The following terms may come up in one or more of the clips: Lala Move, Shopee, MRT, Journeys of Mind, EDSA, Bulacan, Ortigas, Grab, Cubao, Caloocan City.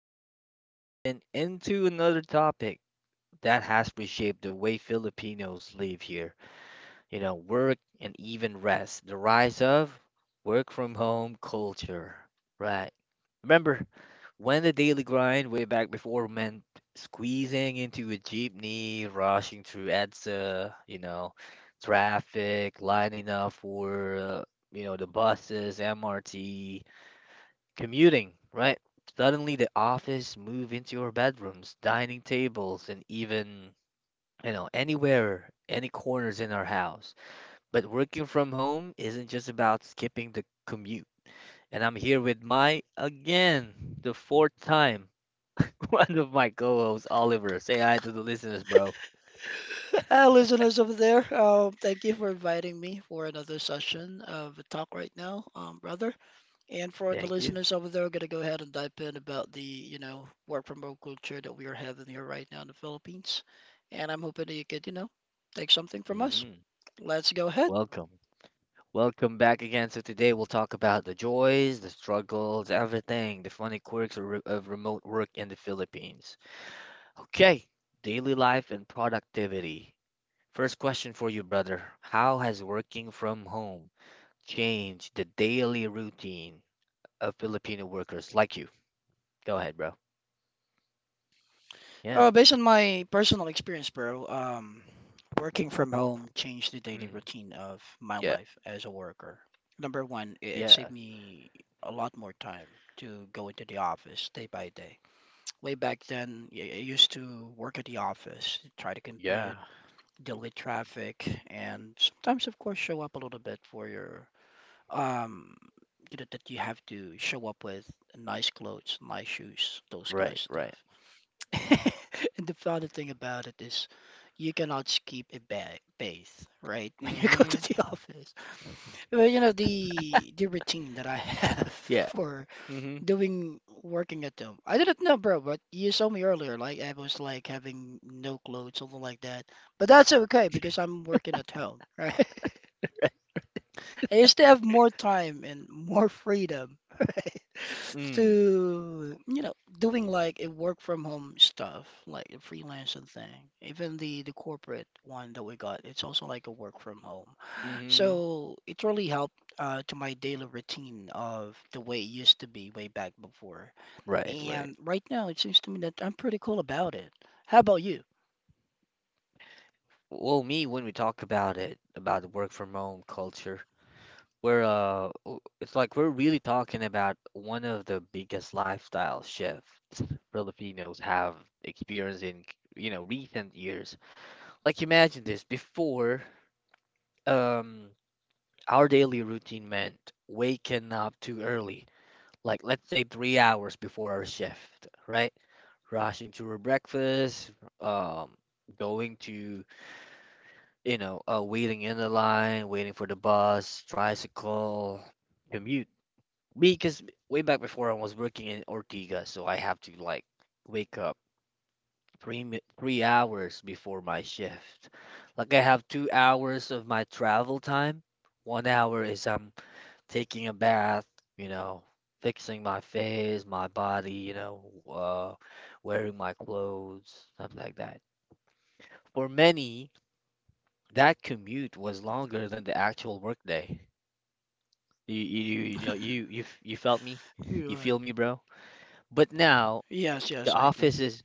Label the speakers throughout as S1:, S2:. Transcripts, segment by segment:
S1: Today, we're diving into another topic that has reshaped the way Filipinos live here. You know, work and even rest, the rise of work from home culture. Right. Remember when the daily grind way back before meant squeezing into a jeepney, rushing through EDSA, you know, traffic, lining up for, the buses, MRT commuting, right? Suddenly the office move into your bedrooms, dining tables, and even, anywhere, any corners in our house. But working from home isn't just about skipping the commute. And I'm here with my, again, the fourth time, one of my co-hosts, Oliver. Say hi to the listeners, bro.
S2: Listeners over there, thank you for inviting me for another session of a talk right now, brother. And for the
S1: Thank you.
S2: listeners over there, we're gonna go ahead and dive in about the work from home culture that we are having here right now in the Philippines. And I'm hoping that you could take something from us.
S1: Hmm.
S2: Let's go ahead.
S1: Welcome. Welcome back again. So today we'll talk about the joys, the struggles, everything, the funny quirks of remote work in the Philippines. Okay, daily life and productivity. First question for you, brother. How has working from home changed the daily routine of Filipino workers like you? Go ahead, bro.
S2: Uh,
S1: Yeah.
S2: based on my personal experience, bro, working from home changed the daily
S1: Mm.
S2: routine of my
S1: Yeah.
S2: life as a worker. Number one, it saved
S1: Yeah.
S2: me a lot more time to go into the office day by day. Way back then, I used to work at the office, try to
S1: Yeah.
S2: commute, deal with traffic, and sometimes, of course, show up a little bit for your um, that you have to show up with nice clothes, nice shoes, those kind of
S1: Right, right.
S2: stuff. And the funny thing about it is, you cannot skip a ba bath, right? When you go to
S1: Mm-hmm.
S2: the office. Well, the routine that I have
S1: Yeah.
S2: for
S1: Mm-hmm.
S2: doing working at home. I didn't know, bro, but you saw me earlier. Like I was like having no clothes, something like that. But that's okay because I'm working at home, right? I used to have more time and more freedom, right?
S1: Mm.
S2: To doing like a work from home stuff, like a freelancing thing. Even the corporate one that we got, it's also like a work from home.
S1: Mm-hmm.
S2: So it really helped to my daily routine of the way it used to be way back before.
S1: Right, right.
S2: And right now, it seems to me that I'm pretty cool about it. How about you?
S1: Well, me, when we talk about it, about the work from home culture, it's like we're really talking about one of the biggest lifestyle shifts Filipinos have experienced in, recent years. Like imagine this, before, um, our daily routine meant waking up too early, like let's say 3 hours before our shift, right? Rushing to our breakfast, um, going to, waiting in the line, waiting for the bus, tricycle, commute. Me, because way back before I was working in Ortega, so I have to like wake up 3 hours before my shift. Like I have 2 hours of my travel time. 1 hour is I'm taking a bath, you know, fixing my face, my body, uh, wearing my clothes, stuff like that. For many, that commute was longer than the actual work day. You felt me?
S2: You
S1: You
S2: are.
S1: feel me, bro? But now,
S2: Yes,
S1: The
S2: yes, I do.
S1: office is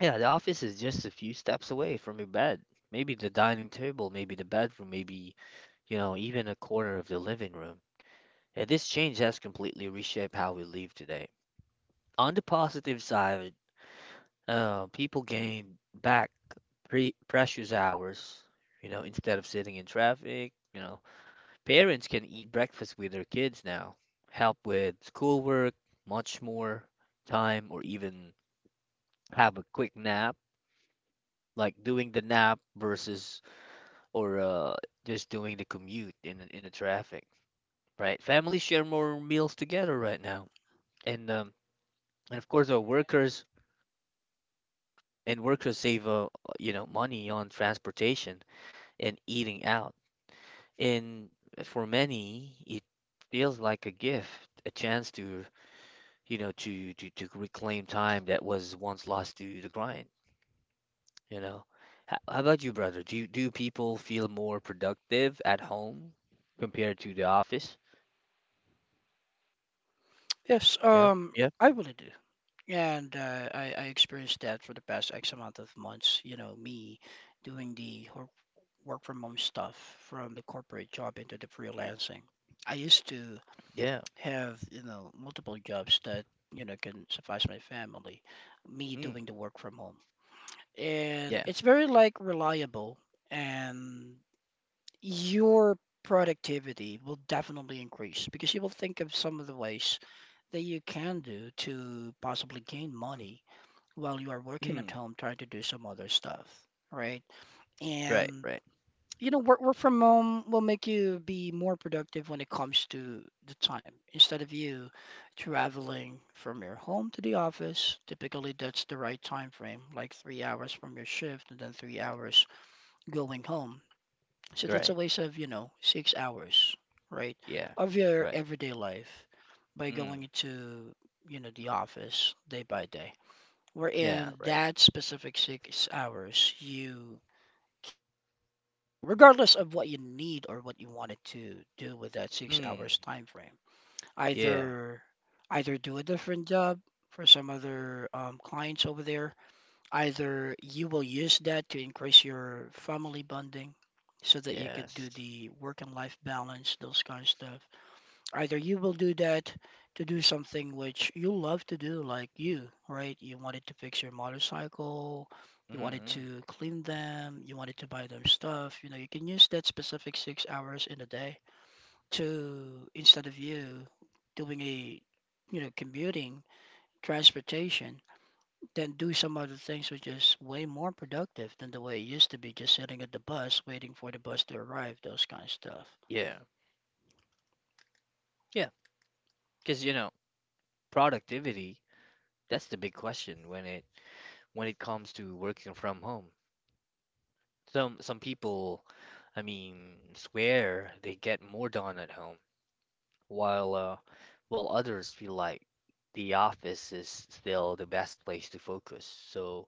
S1: yeah, the office is just a few steps away from your bed. Maybe the dining table, maybe the bedroom, maybe, even a corner of the living room. And this change has completely reshaped how we live today. On the positive side, people gain back precious hours, instead of sitting in traffic. Parents can eat breakfast with their kids now, help with schoolwork, much more time, or even have a quick nap like doing the nap versus or just doing the commute in the traffic, right? Families share more meals together right now, and um, and of course, our workers save money on transportation and eating out. And for many, it feels like a gift, a chance to you know to reclaim time that was once lost to the grind. You know, how about you, brother? Do people feel more productive at home compared to the office?
S2: Yes,
S1: Yeah, yeah,
S2: I really do. And I experienced that for the past X amount of months, you know, me doing the work from home stuff from the corporate job into the freelancing. I used to
S1: yeah,
S2: have multiple jobs that can suffice my family, me
S1: mm,
S2: doing the work from home. And
S1: yeah,
S2: it's very like reliable and your productivity will definitely increase because you will think of some of the ways that you can do to possibly gain money while you are working at
S1: mm,
S2: home trying to do some other stuff, right?
S1: right,
S2: And
S1: right,
S2: you know, work from home will make you be more productive when it comes to the time. Instead of you traveling from your home to the office, typically that's the right time frame, like 3 hours from your shift and then 3 hours going home. So that's a
S1: right,
S2: waste of 6 hours, right,
S1: yeah,
S2: of your
S1: right,
S2: everyday life by going
S1: mm,
S2: into the office day by day,
S1: yeah,
S2: wherein
S1: right,
S2: that specific 6 hours you can still do something regardless of what you need or what you wanted to do with that six
S1: mm,
S2: hours time frame,
S1: yeah,
S2: either either do a different job for some other clients over there, either you will use that to increase your family bonding so that you could do
S1: yes,
S2: the work and life balance, those kind of stuff. Either you will do that to do something which you love to do, like you, right? You wanted to fix your motorcycle, you wanted
S1: mm,
S2: to clean them, you wanted to buy them stuff. You know, you can use that specific 6 hours in a day to, instead of you doing a commuting, transportation, then do some other things which is way more productive than the way it used to be, just sitting at the bus, waiting for the bus to arrive, those kind of stuff.
S1: yeah, yeah. Because productivity, that's the big question when it comes to working from home. Some people, I mean, swear they get more done at home while uh, while others feel like the office is still the best place to focus. So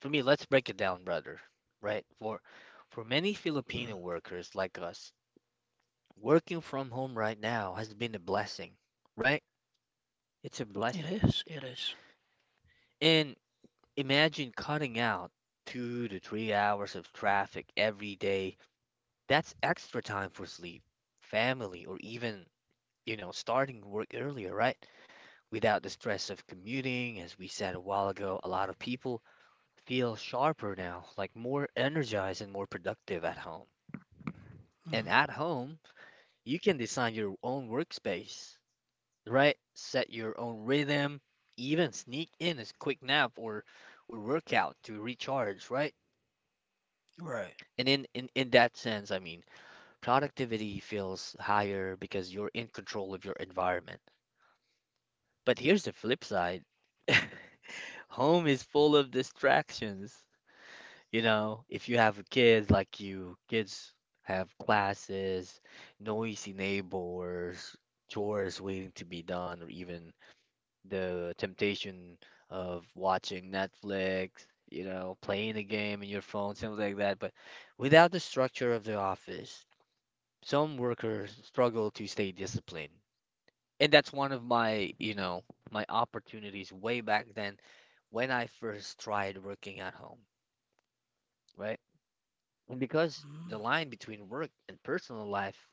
S1: for me, let's break it down, brother. Right? For many
S2: Mm.
S1: Filipino workers like us, working from home right now has been a blessing, right? It's a
S2: It
S1: blessing.
S2: is, it is.
S1: And imagine cutting out 2 to 3 hours of traffic every day. That's extra time for sleep, family, or even, starting work earlier, right? Without the stress of commuting. As we said a while ago, a lot of people feel sharper now, like more energized and more productive at home.
S2: Mm.
S1: And at home, you can design your own workspace, right? Set your own rhythm, even sneak in a quick nap or workout to recharge, right?
S2: Right.
S1: And in that sense, I mean, productivity feels higher because you're in control of your environment. But here's the flip side. Home is full of distractions. If you have a kid, like you, kids have classes, noisy neighbors, chores waiting to be done, or even the temptation of watching Netflix, playing a game on your phone, something like that. But without the structure of the office, some workers struggle to stay disciplined. And that's one of my opportunities way back then when I first tried working at home, right? And because the
S2: Mm,
S1: line between work and personal life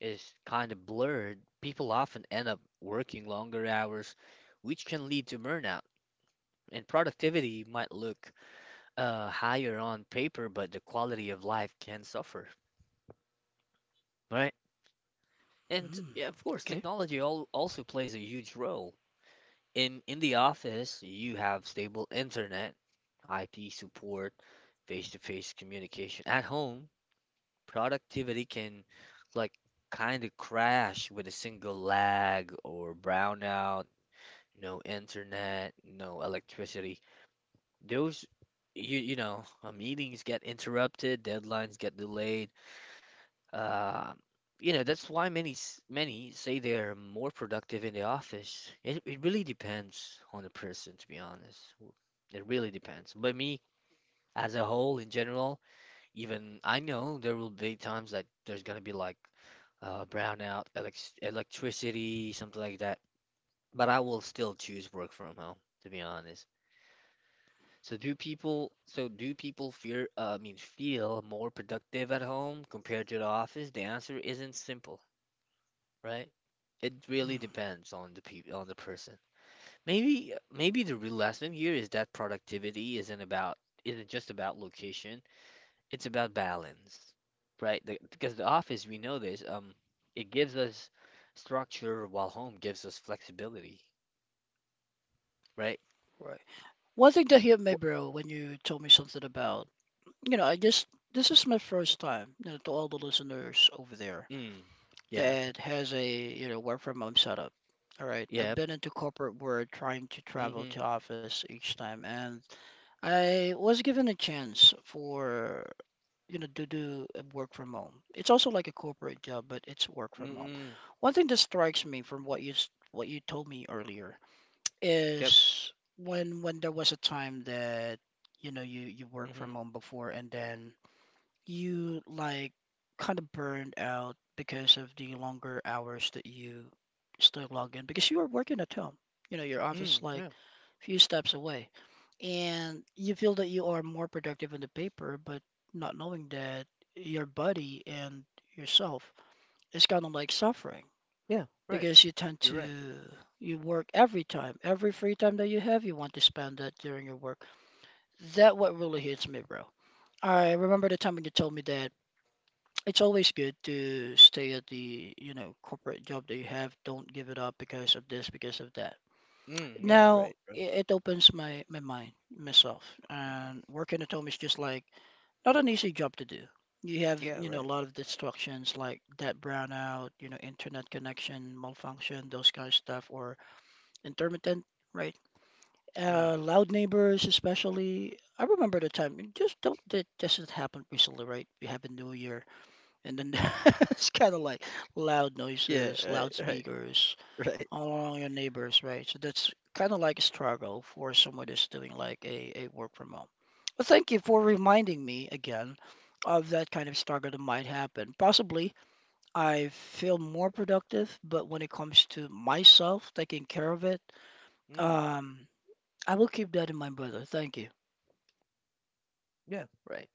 S1: is kind of blurred, people often end up working longer hours, which can lead to burnout. And productivity might look higher on paper, but the quality of life can suffer, right? And
S2: mm.
S1: yeah, of course,
S2: Okay.
S1: technology al also plays a huge role. In the office, you have stable internet, IT support, face-to-face communication. At home, productivity can like kind of crash with a single lag or brownout, no internet, no electricity. Those meetings get interrupted, deadlines get delayed. Uh, that's why many say they're more productive in the office. It really depends on the person, to be honest. It really depends. But me, as a whole, in general, even I know there will be times that there's gonna be like brownout, electricity, something like that. But I will still choose work from home, to be honest. So do people, I mean, feel more productive at home compared to the office? The answer isn't simple, right? It really
S2: Mm.
S1: depends on the people, on the person. Maybe the real lesson here is that productivity isn't just about location. It's about balance, right? Because the office, we know this, it gives us structure while home gives us flexibility, right?
S2: Right. One thing that hit
S1: Wh-
S2: me, bro, when you told me something about, you know, I just this is my first time, to all the listeners over there
S1: Mm, yeah,
S2: that has a work from home setup. All right.
S1: yep,
S2: I've been into corporate world trying to travel
S1: mm-hmm,
S2: to office each time, and I was given a chance for to do a work from home. It's also like a corporate job, but it's work from home.
S1: mm-mm,
S2: One thing that strikes me from what you told me earlier
S1: yep,
S2: is when there was a time that you know you worked
S1: mm-hmm,
S2: from home before and then you like kind of burned out because of the longer hours that you still log in because you were working at home. You know, your office
S1: mm,
S2: like
S1: yeah,
S2: few steps away. And you feel that you are more productive on the paper, but not knowing that your body and yourself is kind of like suffering
S1: yeah, right.
S2: because you tend
S1: You're right.
S2: to you work every free time that you have, you want to spend that during your work. That what really hits me, bro. I remember the time when you told me that it's always good to stay at the corporate job that you have. Don't give it up because of this, because of that.
S1: Mm, yeah,
S2: Now
S1: right, right.
S2: it opens my mind, myself.
S1: Mm,
S2: And working at home is just like not an easy job to do. You have,
S1: yeah,
S2: you know,
S1: right.
S2: a lot of distractions like that brownout, internet connection, malfunction, those kind of stuff, or intermittent, right?
S1: Mm,
S2: Loud neighbors, especially. I remember the time, it just don't, that just happened recently, right? We have a new year, and then it's kind of like loud
S1: yeah,
S2: noises,
S1: right, right,
S2: loudspeakers,
S1: right.
S2: all along your neighbors, right? So that's kind of like a struggle for someone that's doing like a work from home. Well, thank you for reminding me again of that kind of struggle that might happen. Possibly I feel more productive, but when it comes to myself taking care of it,
S1: Mm,
S2: um, I will keep that in mind, brother. Thank you.
S1: yeah, right.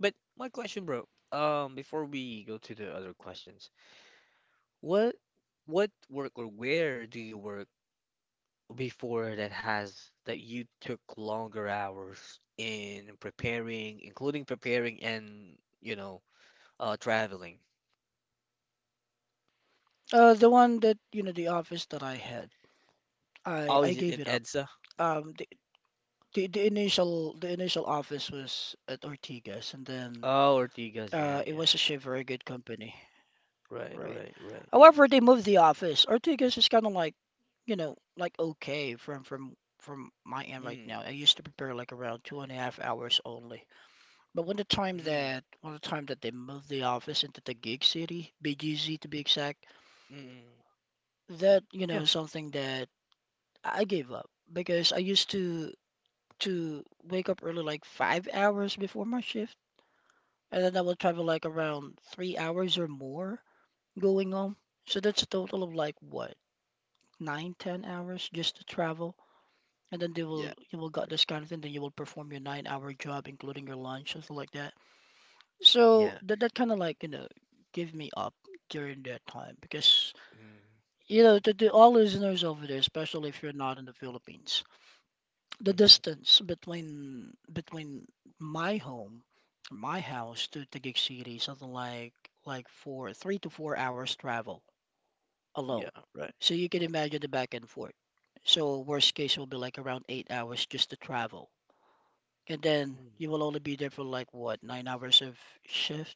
S1: But my question, bro, before we go to the other questions, what what work or where do you work before that has that you took longer hours in preparing, including preparing and, traveling?
S2: The one that the office that I had, I,
S1: Oh, is
S2: I
S1: it in
S2: gave it up.
S1: EDSA?
S2: Um, the, the initial office was at Ortigas, and then
S1: Oh, Ortigas, yeah,
S2: it
S1: yeah.
S2: was actually a very good company,
S1: Right,
S2: right?
S1: right, right.
S2: However, they moved the office. Ortigas is kind of like, you know, like okay from my end right
S1: Mm,
S2: now. I used to prepare like around 2.5 hours only. But when the time
S1: mm,
S2: that when the time that they moved the office into the gig city, BGZ to be exact,
S1: mm.
S2: that you
S1: Yeah,
S2: know something that I gave up because I used to wake up early like 5 hours before my shift, and then I would travel like around 3 hours or more going on. So that's a total of like what, 9, 10 hours just to travel. And then they
S1: yeah,
S2: will you will got this kind of thing, then you will perform your 9 hour job, including your lunch, something like that. So
S1: yeah.
S2: that kind of like, you know, give me up during that time because
S1: Mm,
S2: you know to all listeners over there, especially if you're not in the Philippines, the
S1: mm-hmm.
S2: distance between my home, my house to Taguig City, something like 4, 3 to 4 hours travel alone.
S1: Yeah, right.
S2: So you can imagine the back and forth. So worst case will be like around 8 hours just to travel. And then
S1: Mm,
S2: you will only be there for like what, 9 hours of shift?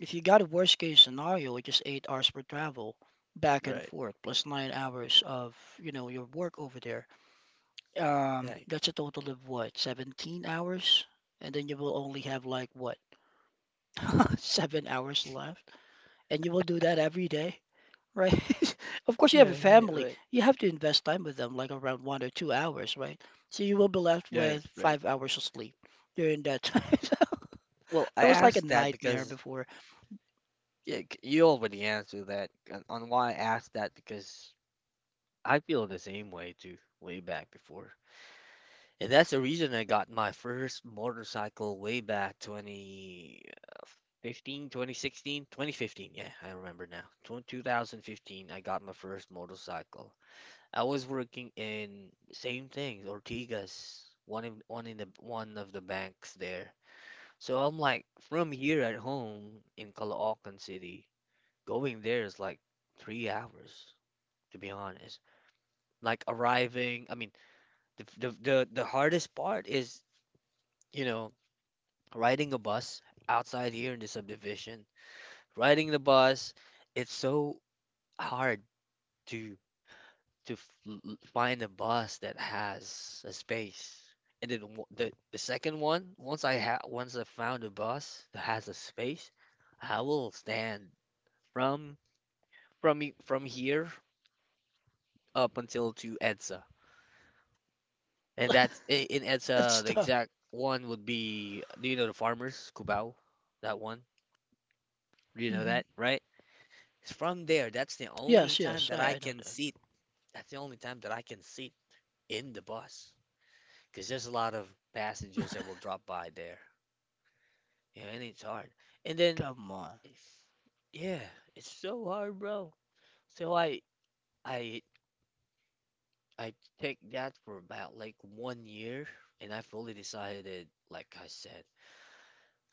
S2: If you got a worst case scenario, which is 8 hours per travel, back and
S1: right.
S2: forth, plus 9 hours of, your work over there,
S1: Right.
S2: that's a total of what, 17 hours? And then you will only have like what, 7 hours left? And you will do that every day? Right? Of course, you have a
S1: Yeah, right,
S2: family.
S1: right.
S2: You have to invest time with them, like around 1 or 2 hours, right? So you will be left
S1: Right,
S2: with
S1: right.
S2: 5 hours of sleep during that time. So
S1: Well, I
S2: that was like a
S1: asked that
S2: nightmare
S1: because
S2: before.
S1: you already answered that on why I asked that because I feel the same way too, way back before. And that's the reason I got my first motorcycle way back twenty fifteen, 2016, 2015. Yeah, I remember now. 2015, I got my first motorcycle. I was working in same things, Ortigas, one of the banks there. So I'm like from here at home in Caloocan City, going there is like 3 hours, to be honest, like arriving, I mean. The, f- the hardest part is, you know, riding a bus outside here in the subdivision. Riding the bus, it's so hard to to find a bus that has a space. And then the second one, once I found a bus that has a space, I will stand from from here up until to EDSA. And that's in
S2: That's
S1: EDSA, the
S2: tough.
S1: exact one would be, do you know the farmers, Cubao? That one? You know
S2: Hmm.
S1: that, right? It's from there. That's the only
S2: Yes,
S1: time
S2: yes,
S1: that
S2: I,
S1: I
S2: I know
S1: can
S2: that.
S1: sit. That's the only time that I can sit in the bus. Because there's a lot of passengers that will drop by there. Yeah, and it's hard. And then,
S2: Come on.
S1: yeah, it's so hard, bro. So I, I take that for about like 1 year, and I fully decided, like I said,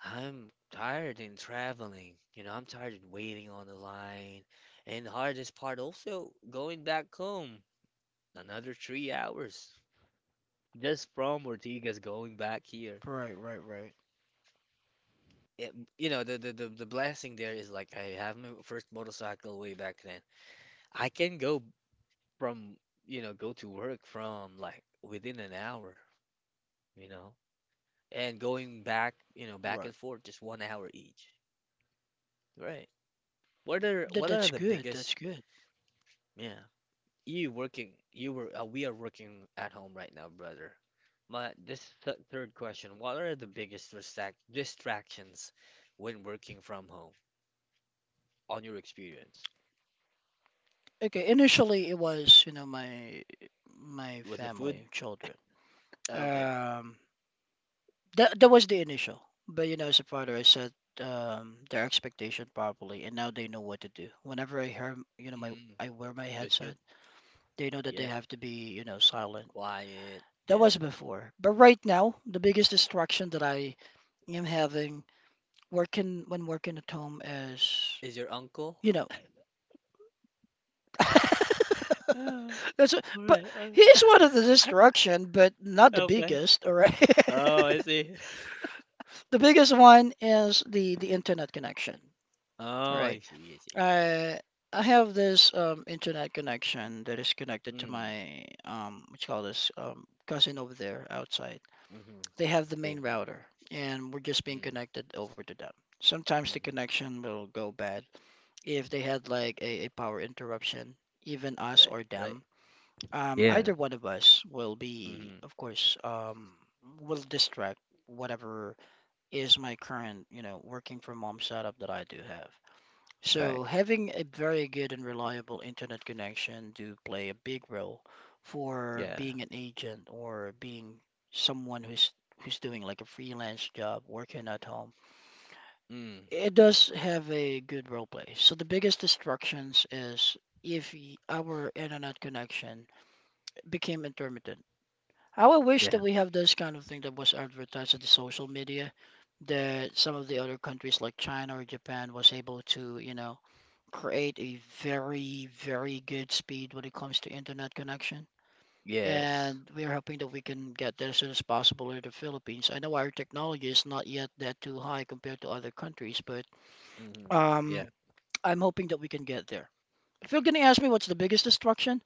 S1: I'm tired in traveling. I'm tired in waiting on the line. And the hardest part also going back home. Another 3 hours just from Ortigas going back here.
S2: Right, right, right,
S1: It, you know, the blessing there is like I have my first motorcycle way back then. I can from, go to work from like within an hour, you know, and going back, back
S2: right.
S1: and forth just 1 hour each. Right. What are
S2: That
S1: what are
S2: that's
S1: the
S2: good. That's
S1: biggest,
S2: good.
S1: yeah, You working, you were, we are working at home right now, brother. My, this th third question, what are the biggest distractions when working from home on your experience?
S2: Okay, initially it was my
S1: Was the food?
S2: family, children.
S1: Okay.
S2: Um, that was the initial, but you know, as a father, I set their expectation properly, and now they know what to do. Whenever I hear, m- you know, my
S1: Mm,
S2: I wear my
S1: good,
S2: headset,
S1: good.
S2: they know that they
S1: Yeah.
S2: have to be silent.
S1: Quiet.
S2: That was
S1: Yeah.
S2: before, but right now, the biggest distraction that I am having working when working at home is,
S1: Is your uncle?
S2: you know,
S1: All
S2: that's a, but
S1: right, all
S2: he
S1: right.
S2: is one of the distraction, but not the
S1: Okay.
S2: biggest. All right,
S1: Oh, I see.
S2: the biggest one is the internet connection.
S1: Oh, I
S2: Right.
S1: see, I see.
S2: I I have this internet connection that is connected to
S1: Mm,
S2: my what you call this cousin over there outside.
S1: mm-hmm.
S2: They have the
S1: Same
S2: main
S1: thing.
S2: router and we're just being
S1: Mm,
S2: connected over to them. Sometimes the
S1: mm-hmm.
S2: connection will go bad if they had like a power interruption, even us
S1: Right,
S2: or
S1: right.
S2: them. Um,
S1: Yeah.
S2: either one of us will be,
S1: Mm-hmm.
S2: of course, will distract whatever is my current, working from home setup that I do have. So,
S1: Right.
S2: having a very good and reliable internet connection do play a big role for
S1: Yeah.
S2: being an agent or being someone who's doing like a freelance job, working at home.
S1: Mm.
S2: It does have a good role play. So the biggest distractions is if our internet connection became intermittent. How I wish that
S1: Yeah.
S2: we have this kind of thing that was advertised in the social media that some of the other countries like China or Japan was able to, create a very, very good speed when it comes to internet connection.
S1: Yes.
S2: And we are hoping that we can get there as soon as possible in the Philippines. I know our technology is not yet that too high compared to other countries, but
S1: Hmm.
S2: um,
S1: Yeah.
S2: I'm hoping that we can get there. If you're going to ask me what's the
S1: Yeah.
S2: biggest destruction,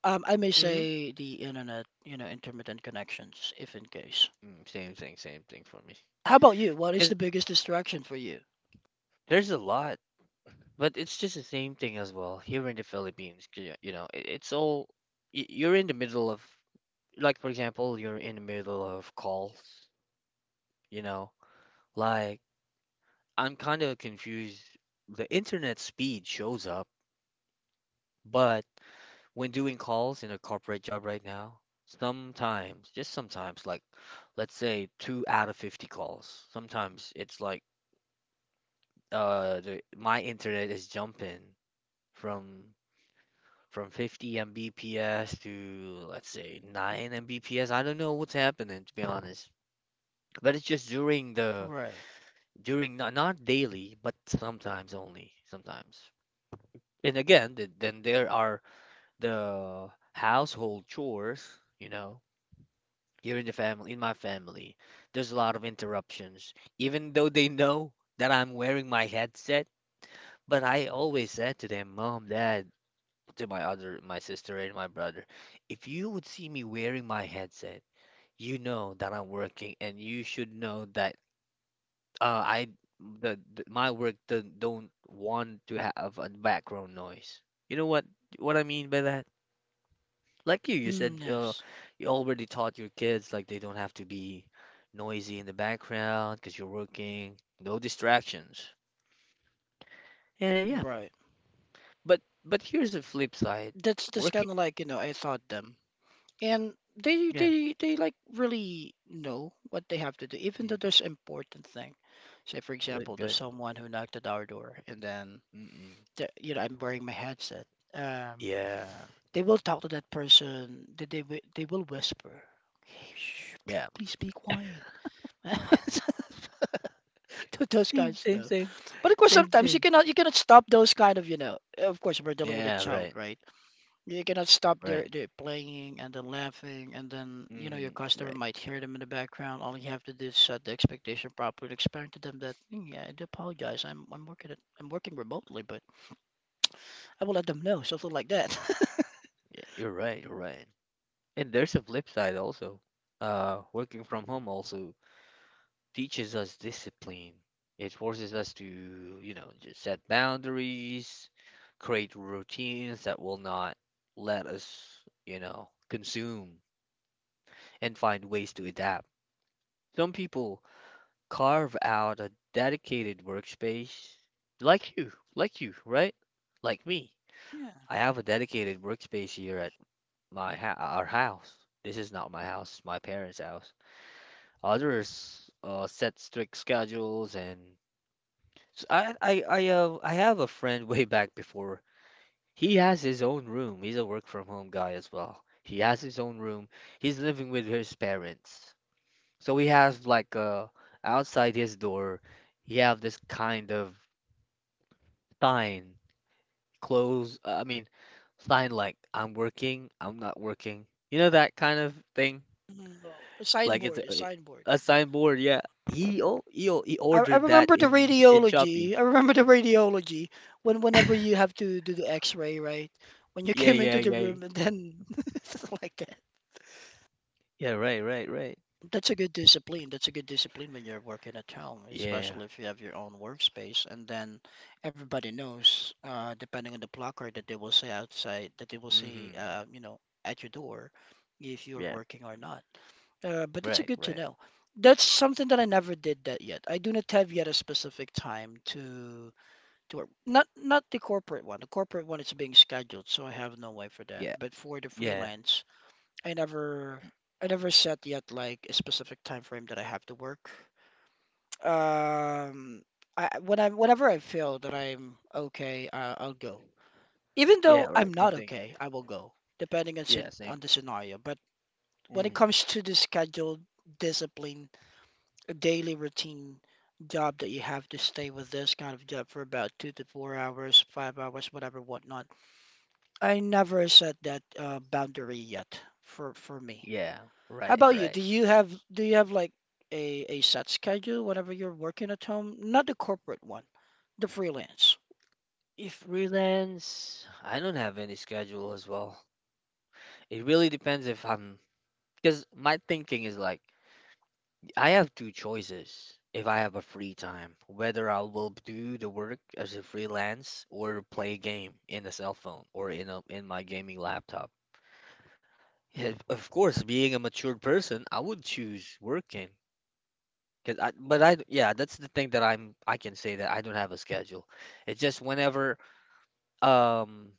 S2: I may
S1: Hmm.
S2: say the internet, intermittent connections, if in case.
S1: Mm, same thing. Same thing for me.
S2: How about you? What is the
S1: 'Cause
S2: biggest distraction for you?
S1: there's a lot, but it's just the same thing as well here in the Philippines. You know, it's all you're in the middle of, like for example, you're in the middle of calls. You know, like I'm kind of confused. The internet speed shows up, but when doing calls in a corporate job right now, sometimes, just sometimes, like let's say two out of 50 calls, sometimes it's like my internet is jumping from from 50 Mbps to let's say 9 Mbps. I don't know what's happening, to be honest. But it's just during the
S2: Right.
S1: during not daily, but sometimes only, sometimes. And again, then there are the household chores, you know, here in the family, in my family, there's a lot of interruptions. Even though they know that I'm wearing my headset, but I always said to them, Mom, Dad, to my other, my sister and my brother, if you would see me wearing my headset, you know that I'm working, and you should know that I, the my work don't want to have a background noise. You know what I mean by that? Like you said,
S2: Mm, yes.
S1: you already taught your kids like they don't have to be noisy in the background because you're working, no distractions. And yeah,
S2: Right.
S1: but here's the flip side.
S2: That's
S1: Working,
S2: kind of like, I thought them. And they
S1: yeah,
S2: they they like really know what they have to do, even
S1: mm,
S2: though there's important thing. Say for
S1: good,
S2: example, there's
S1: good.
S2: someone who knocked at our door, and then
S1: Mm-mm.
S2: you know I'm wearing my headset, um
S1: Yeah,
S2: they will talk to that person. They will whisper, "Hey, shh,
S1: yeah.
S2: please be quiet." To those kind
S1: Same,
S2: of
S1: same,
S2: stuff.
S1: same,
S2: But of course
S1: same,
S2: sometimes you
S1: same.
S2: cannot you cannot stop those kind of, of course we're dealing with a
S1: Yeah,
S2: child,
S1: right,
S2: right? You cannot stop there,
S1: right.
S2: there playing and then laughing, and then your
S1: Mm,
S2: customer
S1: right.
S2: might hear them in the background. All you have to do is set the expectation properly, explain to them that, "Mm, yeah, I do apologize. I'm working remotely, but I will let them know something like that."
S1: Yeah, you're right, you're right. And there's a flip side also. Working from home also teaches us discipline. It forces us to, just set boundaries, create routines that will not let us, consume, and find ways to adapt. Some people carve out a dedicated workspace, like you, right? Like me.
S2: Yeah,
S1: I have a dedicated workspace here at my ha our house. This is not my house, it's my parents' house. Others set strict schedules, and so I have a friend way back before. He has his own room. He's a work from home guy as well. He has his own room. He's living with his parents. So he has like outside his door. He have this kind of sign, I mean, sign like, I'm working, I'm not working. You know that kind of thing?
S2: well, a
S1: Like it's
S2: signboard, a signboard.
S1: a signboard, yeah. He oh, he, o- he
S2: I
S1: ordered that
S2: remember the
S1: in Shopee.
S2: radiology. I remember the radiology whenever you have to do the X-ray, right? When you
S1: Yeah,
S2: came into
S1: yeah,
S2: the
S1: yeah.
S2: room and then, something like.
S1: Yeah, right, right, right.
S2: That's a good discipline. That's a good discipline when you're working at home,
S1: Yeah.
S2: especially if you have your own workspace. And then everybody knows, depending on the blocker that they will see outside, that they will see,
S1: Mhm.
S2: at your door, if you're
S1: Yeah.
S2: working or not. But that's a
S1: Right,
S2: good to
S1: right.
S2: know. That's something that I never did that yet. I do not have yet a specific time to work. Not the corporate one. The corporate one is being scheduled, so I have no way for that.
S1: Yeah.
S2: But for the
S1: Yeah.
S2: freelance. I never
S1: y-
S2: I never set yet like a specific time frame that I have to work. Um, whenever I feel that I'm okay, I'll go. Even though
S1: Yeah,
S2: I'm
S1: right.
S2: not
S1: Same thing.
S2: okay, I will go, depending on
S1: Yeah,
S2: on
S1: same.
S2: the scenario. But when it
S1: Mhm.
S2: comes to the scheduled discipline, a daily routine job that you have to stay with this kind of job for about 2 to 4 hours, 5 hours, whatever, whatnot, I never set that boundary yet for me.
S1: Yeah.
S2: How
S1: Right,
S2: about you? Do
S1: right.
S2: you have do you have like a set schedule whenever you're working at home? Not the corporate one, the freelance.
S1: If freelance, I don't have any schedule as well. It really depends, if I'm because my thinking is like, I have two choices if I have a free time, whether I will do the work as a freelance or play a game in a cell phone or in a in my gaming laptop. Yeah, of course, being a matured person, I would choose working. 'Cause yeah, that's the thing I can say that I don't have a schedule. It's just whenever, um,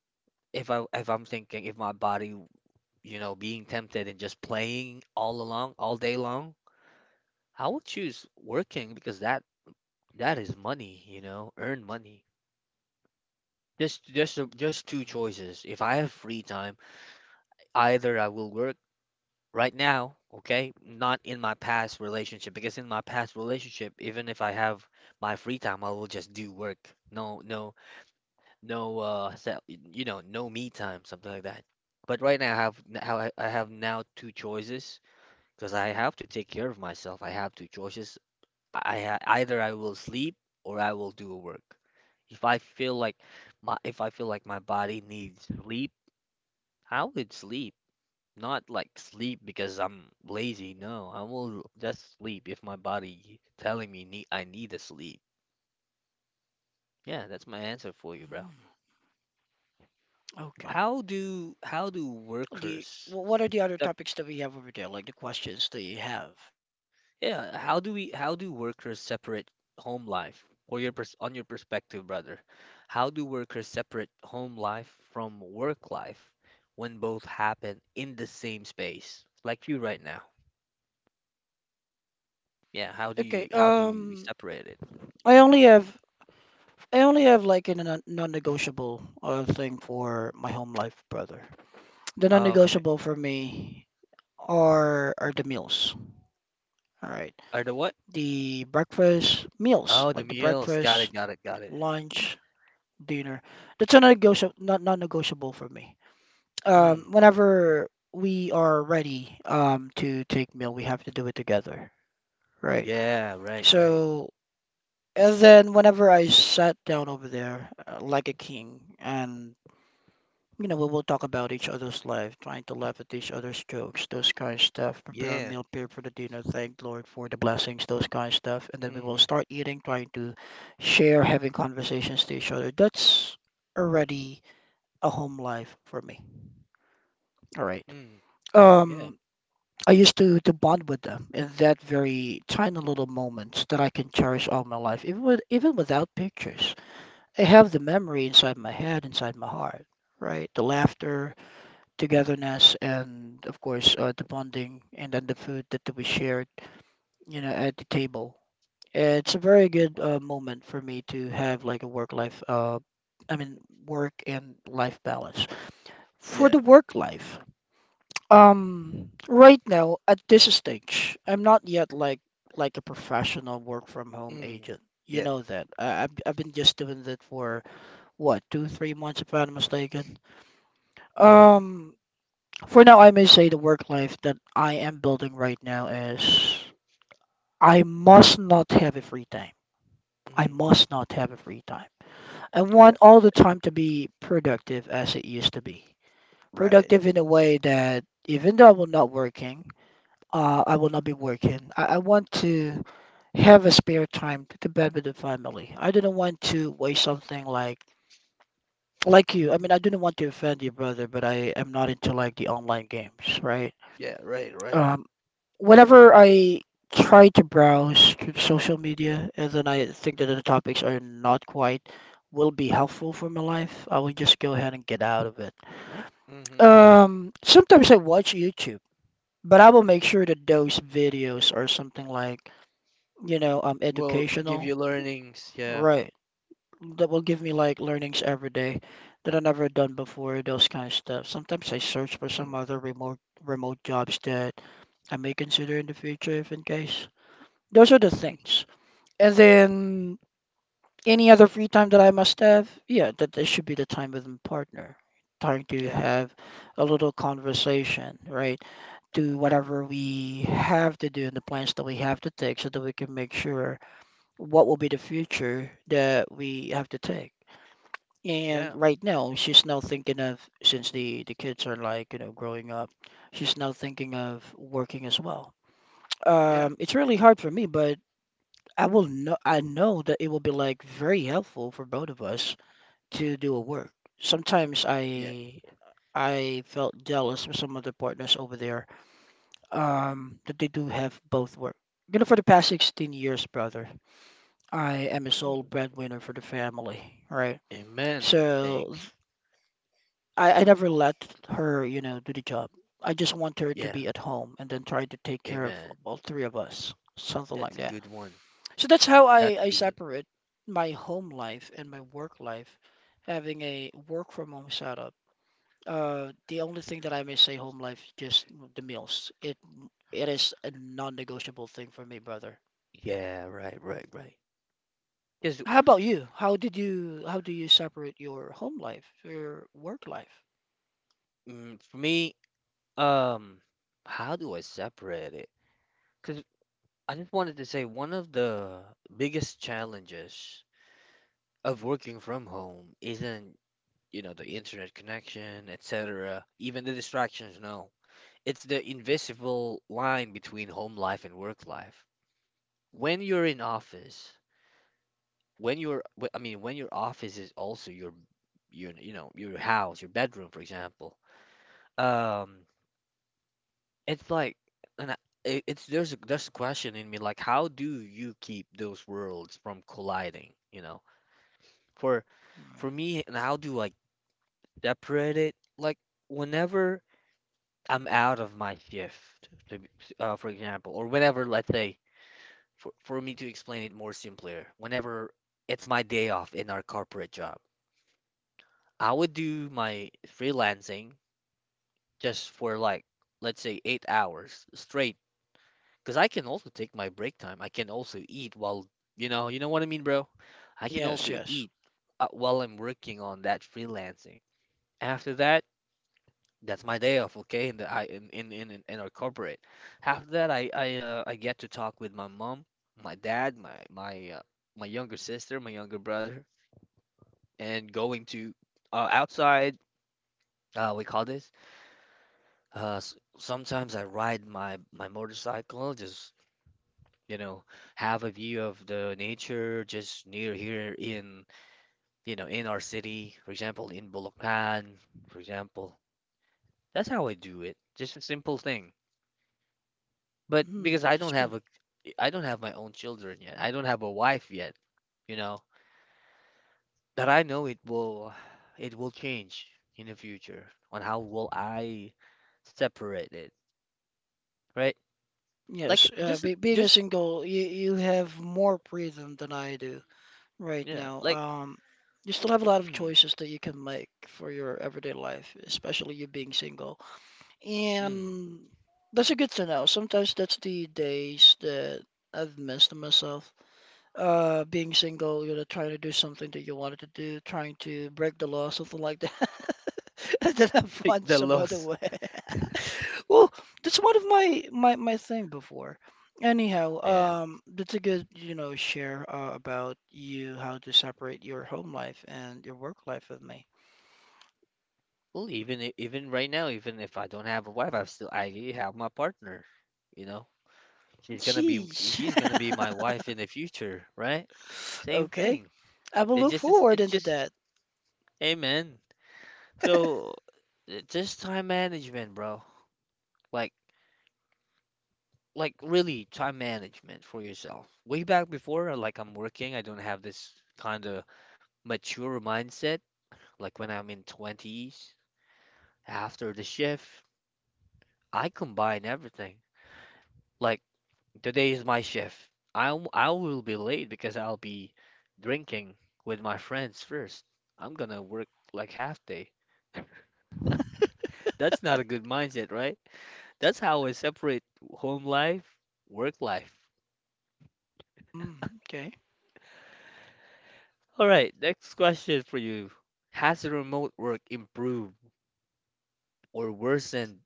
S1: if I'm thinking, if my body, being tempted and just playing all along, all day long, I would choose working because that is money, you know, earn money. Just two
S2: Mhm.
S1: choices. If I have free time, either I will work right now, okay, not in my past relationship, because in my past relationship, even if I have my free time, I will just do work. No, no, no, set, you know, no me time, something like that. But right now, I have now two choices. Because I have to take care of myself, I have two choices. Either I will sleep or I will do work. If I feel like my If I feel like my body needs sleep, I would sleep. Not like sleep because I'm lazy, no. I will just sleep if my body telling me I need a sleep. Yeah, that's my answer for you, bro.
S2: Okay.
S1: How do
S2: Do you,
S1: workers
S2: wh- what are the other
S1: step.
S2: topics that we have over there? Like the questions that you have about
S1: Yeah,
S2: work from home
S1: how
S2: culture?
S1: do workers separate home life, or your pers on your perspective, brother? How do workers separate home life from work life when both happen in the same space? Like you right now. Yeah,
S2: Okay.
S1: how do you separate it?
S2: I only have I only have like a non-negotiable thing for my home life, brother. The
S1: Oh, okay.
S2: non-negotiable for me are the meals. All right.
S1: Are the what?
S2: The breakfast meals,
S1: Oh, the
S2: like the
S1: meals. Got it,
S2: breakfast,
S1: got it, got it.
S2: lunch, dinner. That's a non-negotiable, non-negotiable for me. Um,
S1: Mm.
S2: whenever we are ready to take meal, we have to do it together, right?
S1: Yeah, right, right.
S2: So, and then whenever I sat down over there, like a king, and, we will talk about each other's life, trying to laugh at each other's jokes, those kind of stuff. Prepare a
S1: Yeah.
S2: meal, prepare for the dinner, thank Lord for the blessings, those kind of stuff, and then we will
S1: Mm-hmm.
S2: start eating, trying to share, having conversations to each other. That's already a home life for me. All right.
S1: Mm. Yeah.
S2: Um, I used to bond with them in that very tiny little moments that I can cherish all my life, even with even without pictures. I have the memory inside my head, inside my heart, right? The laughter, togetherness, and of course, the bonding, and then the food that we shared, at the table. It's a very good moment for me to have like a work life, I mean, work and life balance. For
S1: Yeah.
S2: the work life. Right now at this stage, I'm not yet like a professional work from home
S1: Mm.
S2: agent. You
S1: Yeah.
S2: know that. I've been just doing that for what, two, 3 months if I'm not mistaken.
S1: Mm-hmm.
S2: Um, for now, I may say the work life that I am building right now is, I must not have a free time. I
S1: Mm-hmm.
S2: must not have a free time. I
S1: Yeah.
S2: want all the time to be productive as it used to be.
S1: Right.
S2: Productive in a way that even though I'm not working, I will not be working. I want to have a spare time to bed with the family. I didn't want to waste something like you. I mean, I didn't want to offend your brother, but I am not into like the online games, right?
S1: Yeah, right, right.
S2: Um, whenever I try to browse through social media and then I think that the topics are not quite will be helpful for my life, I will just go ahead and get out of it.
S1: Mm-hmm.
S2: Sometimes I watch YouTube, but I will make sure that those videos are something like,
S1: Well, give you
S2: educational,
S1: learnings. Yeah.
S2: right? That will give me like learnings every day that I never done before, those kind of stuff. Sometimes I search for some
S1: Mm.
S2: other remote jobs that I may consider in the future if in case. Those are the
S1: Mm,
S2: things. And then any other free time that I must have, yeah, that should be the time with my partner. Trying to
S1: yeah.
S2: have a little conversation, right? Do whatever we have to do and the plans that we have to take, so that we can make sure what will be the future that we have to take. And
S1: Yeah.
S2: right now, she's now thinking of, since the kids are like, growing up, she's now thinking of working as well.
S1: Yeah.
S2: It's really hard for me, but I know that it will be like very helpful for both of us to do a work. Sometimes
S1: Yeah.
S2: I felt jealous with some of the partners over there, that they do have both work. You know, for the past 16 years, brother, I am a sole
S1: Mm.
S2: breadwinner for the family, right?
S1: Amen. Thing.
S2: So I never let her, do the job. I just want her to
S1: Yeah.
S2: be at home and then try to take care of
S1: Amen.
S2: all three of us, something
S1: That's
S2: like
S1: a
S2: that.
S1: good one.
S2: So that's how
S1: That's
S2: I,
S1: a
S2: I
S1: good one.
S2: separate my home life and my work life, having a work from home setup. The only thing that I may say home life, just the meals. It is a non-negotiable thing for me, brother.
S1: Yeah, right, right, right. Because
S2: How about you? How do you separate your home life, your work life?
S1: for me, um, how do I separate it? Because I just wanted to say, one of the biggest challenges of working from home isn't, the internet connection, etc. Even the distractions, no. It's the invisible line between home life and work life. When you're in office, I mean, when your office is also your, your house, your bedroom, for example. Um, it's like, and I, it- it's There's a question in me like, how do you keep those worlds from colliding? You know, for
S2: Mm.
S1: for me, and how do I separate it? Like, whenever I'm out of my shift, for example, or whenever, let's say. For me to explain it more simpler, whenever it's my day off in our corporate job, I would do my freelancing just for like, let's say, 8 hours straight. Because I can also take my break time. I can also eat while, you know what I mean, bro? I can
S2: Yes,
S1: also
S2: yes.
S1: eat, while I'm working on that freelancing. After that, that's my day off, okay? In the I in our corporate. After that, I get to talk with my mom, my dad, my younger sister, my younger brother, and going to, outside. We call this. S sometimes I ride my motorcycle, just, you know, have a view of the nature just near here in, you know, in our city. For example, in Bulacan, for example. That's how I do it. Just a simple thing. But
S2: Mm,
S1: because
S2: that is good.
S1: I don't have my own children yet. I don't have a wife yet, you know. But I know it will change in the future on how will I separate it, right? Like
S2: Yes,
S1: just
S2: being a
S1: just
S2: single, you have more freedom than I do right
S1: yeah,
S2: now.
S1: like
S2: You still have a lot of
S1: mm,
S2: choices that you can make for your everyday life, especially you being single.
S1: mm,
S2: And that's a good to know. Sometimes that's the days that I've missed myself. Being single, trying to do something that you wanted to do, trying to break the law, something like that. And then have
S1: like
S2: fun
S1: the
S2: some other
S1: loss.
S2: way. Well, that's one of my thing before, anyhow,
S1: Yeah.
S2: that's a good, share, about you, how to separate your home life and your work life with me.
S1: Well, even even right now, even if I don't have a wife, I still I have my partner, you know. She's gonna be
S2: Jeez.
S1: my wife in the future, right? Same
S2: Okay,
S1: thing.
S2: I will
S1: It
S2: look
S1: just is-
S2: forward
S1: it
S2: into
S1: just
S2: that.
S1: Amen. So just time management, bro. Like like really time management for yourself. Way back before, like I'm working, I don't have this kind of mature mindset. Like when I'm in 20s, after the shift, I combine everything. Like today is my shift. I will be late because I'll be drinking with my friends first. I'm gonna work like half day. That's not a good mindset, right? That's how I separate home life, work life.
S2: Mm, okay.
S1: All right, next question for you. Has remote work improved or worsened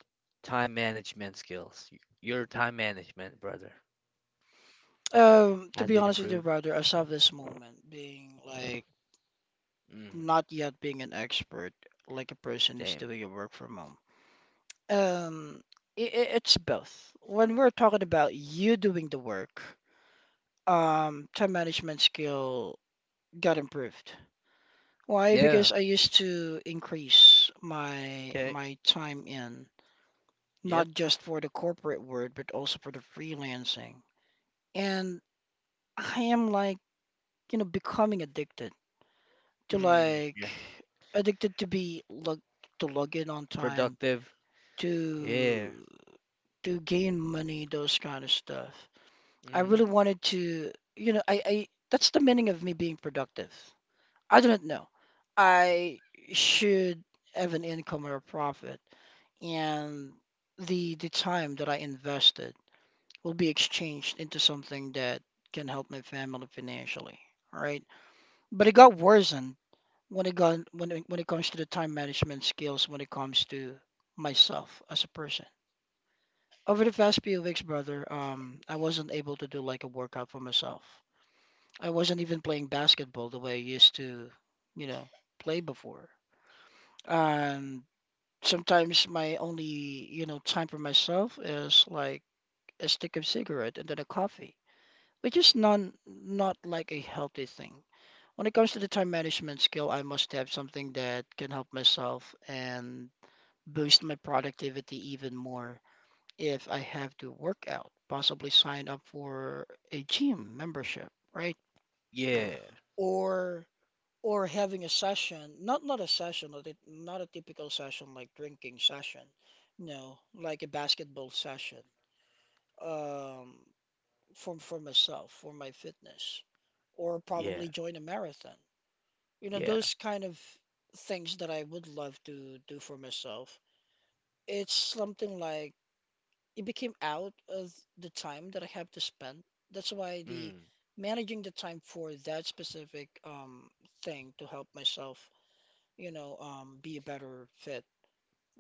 S1: time management skills? Your time management, brother.
S2: To
S1: Has
S2: be
S1: it
S2: honest with you,
S1: improved?
S2: brother, I saw this moment being like
S1: Mm,
S2: not yet being an expert, like a person who's
S1: damn.
S2: doing your work from home. Um, it's both. When we're talking about you doing the work, time management skill got improved. Why? Because
S1: Yeah.
S2: I used to increase my
S1: Okay.
S2: my time in, not
S1: Yep.
S2: just for the corporate world, but also for the freelancing. And I am like, becoming addicted to
S1: Mm,
S2: like
S1: yeah.
S2: addicted to be log to log in on time
S1: Productive. Yeah.
S2: to to gain money, those kind of stuff. I really
S1: Hmm.
S2: wanted to, I that's the meaning of me being productive. I don't know. I should have an income or a profit, and the time that I invested will be exchanged into something that can help my family financially. All right. But it got worsened when it got when it comes to the time management skills, when it comes to myself as a person. Over the past few weeks, brother, I wasn't able to do like a workout for myself. I wasn't even playing basketball the way I used to, you know, play before. And sometimes my only, time for myself is like a stick of cigarette and then a coffee, which is non not like a healthy thing. When it comes to the time management skill, I must have something that can help myself and boost my productivity even more if I have to work out, possibly sign up for a gym membership, right?
S1: Yeah.
S2: Or or having a session, not a session, not a typical session like drinking session, no, like a basketball session, um, for myself, for my fitness, or
S1: Yeah.
S2: probably join a marathon. You know,
S1: Yeah.
S2: those kind of things that I would love to do for myself. It's something like it became out of the time that I have to spend. That's why the
S1: Mm,
S2: managing the time for that specific thing to help myself, be a better fit,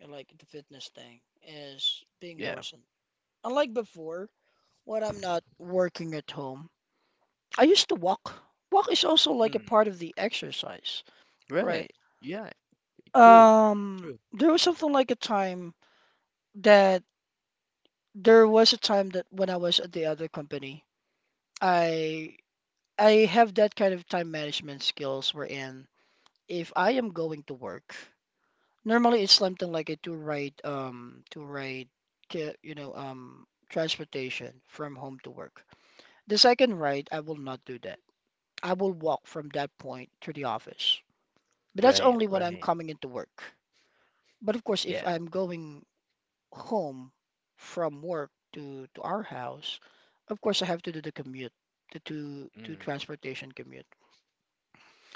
S2: like the fitness thing, is being
S1: yeah.
S2: worsened. Unlike before, when I'm not working at home, I used to walk. Walk is also like a
S1: Mm.
S2: part of the exercise, right?
S1: Right. Yeah. True. True.
S2: There was something like a time that there was a time that when I was at the other company, I I have that kind of time management skills wherein if I am going to work, normally it's something like a to ride transportation from home to work. The second ride, I will not do that. I will walk from that point to the office. But that's
S1: Right.
S2: only when I'm
S1: Right.
S2: coming into work. But of course, if
S1: Yeah.
S2: I'm going home from work to our house, of course I have to do the commute, the two
S1: Mm.
S2: transportation commute.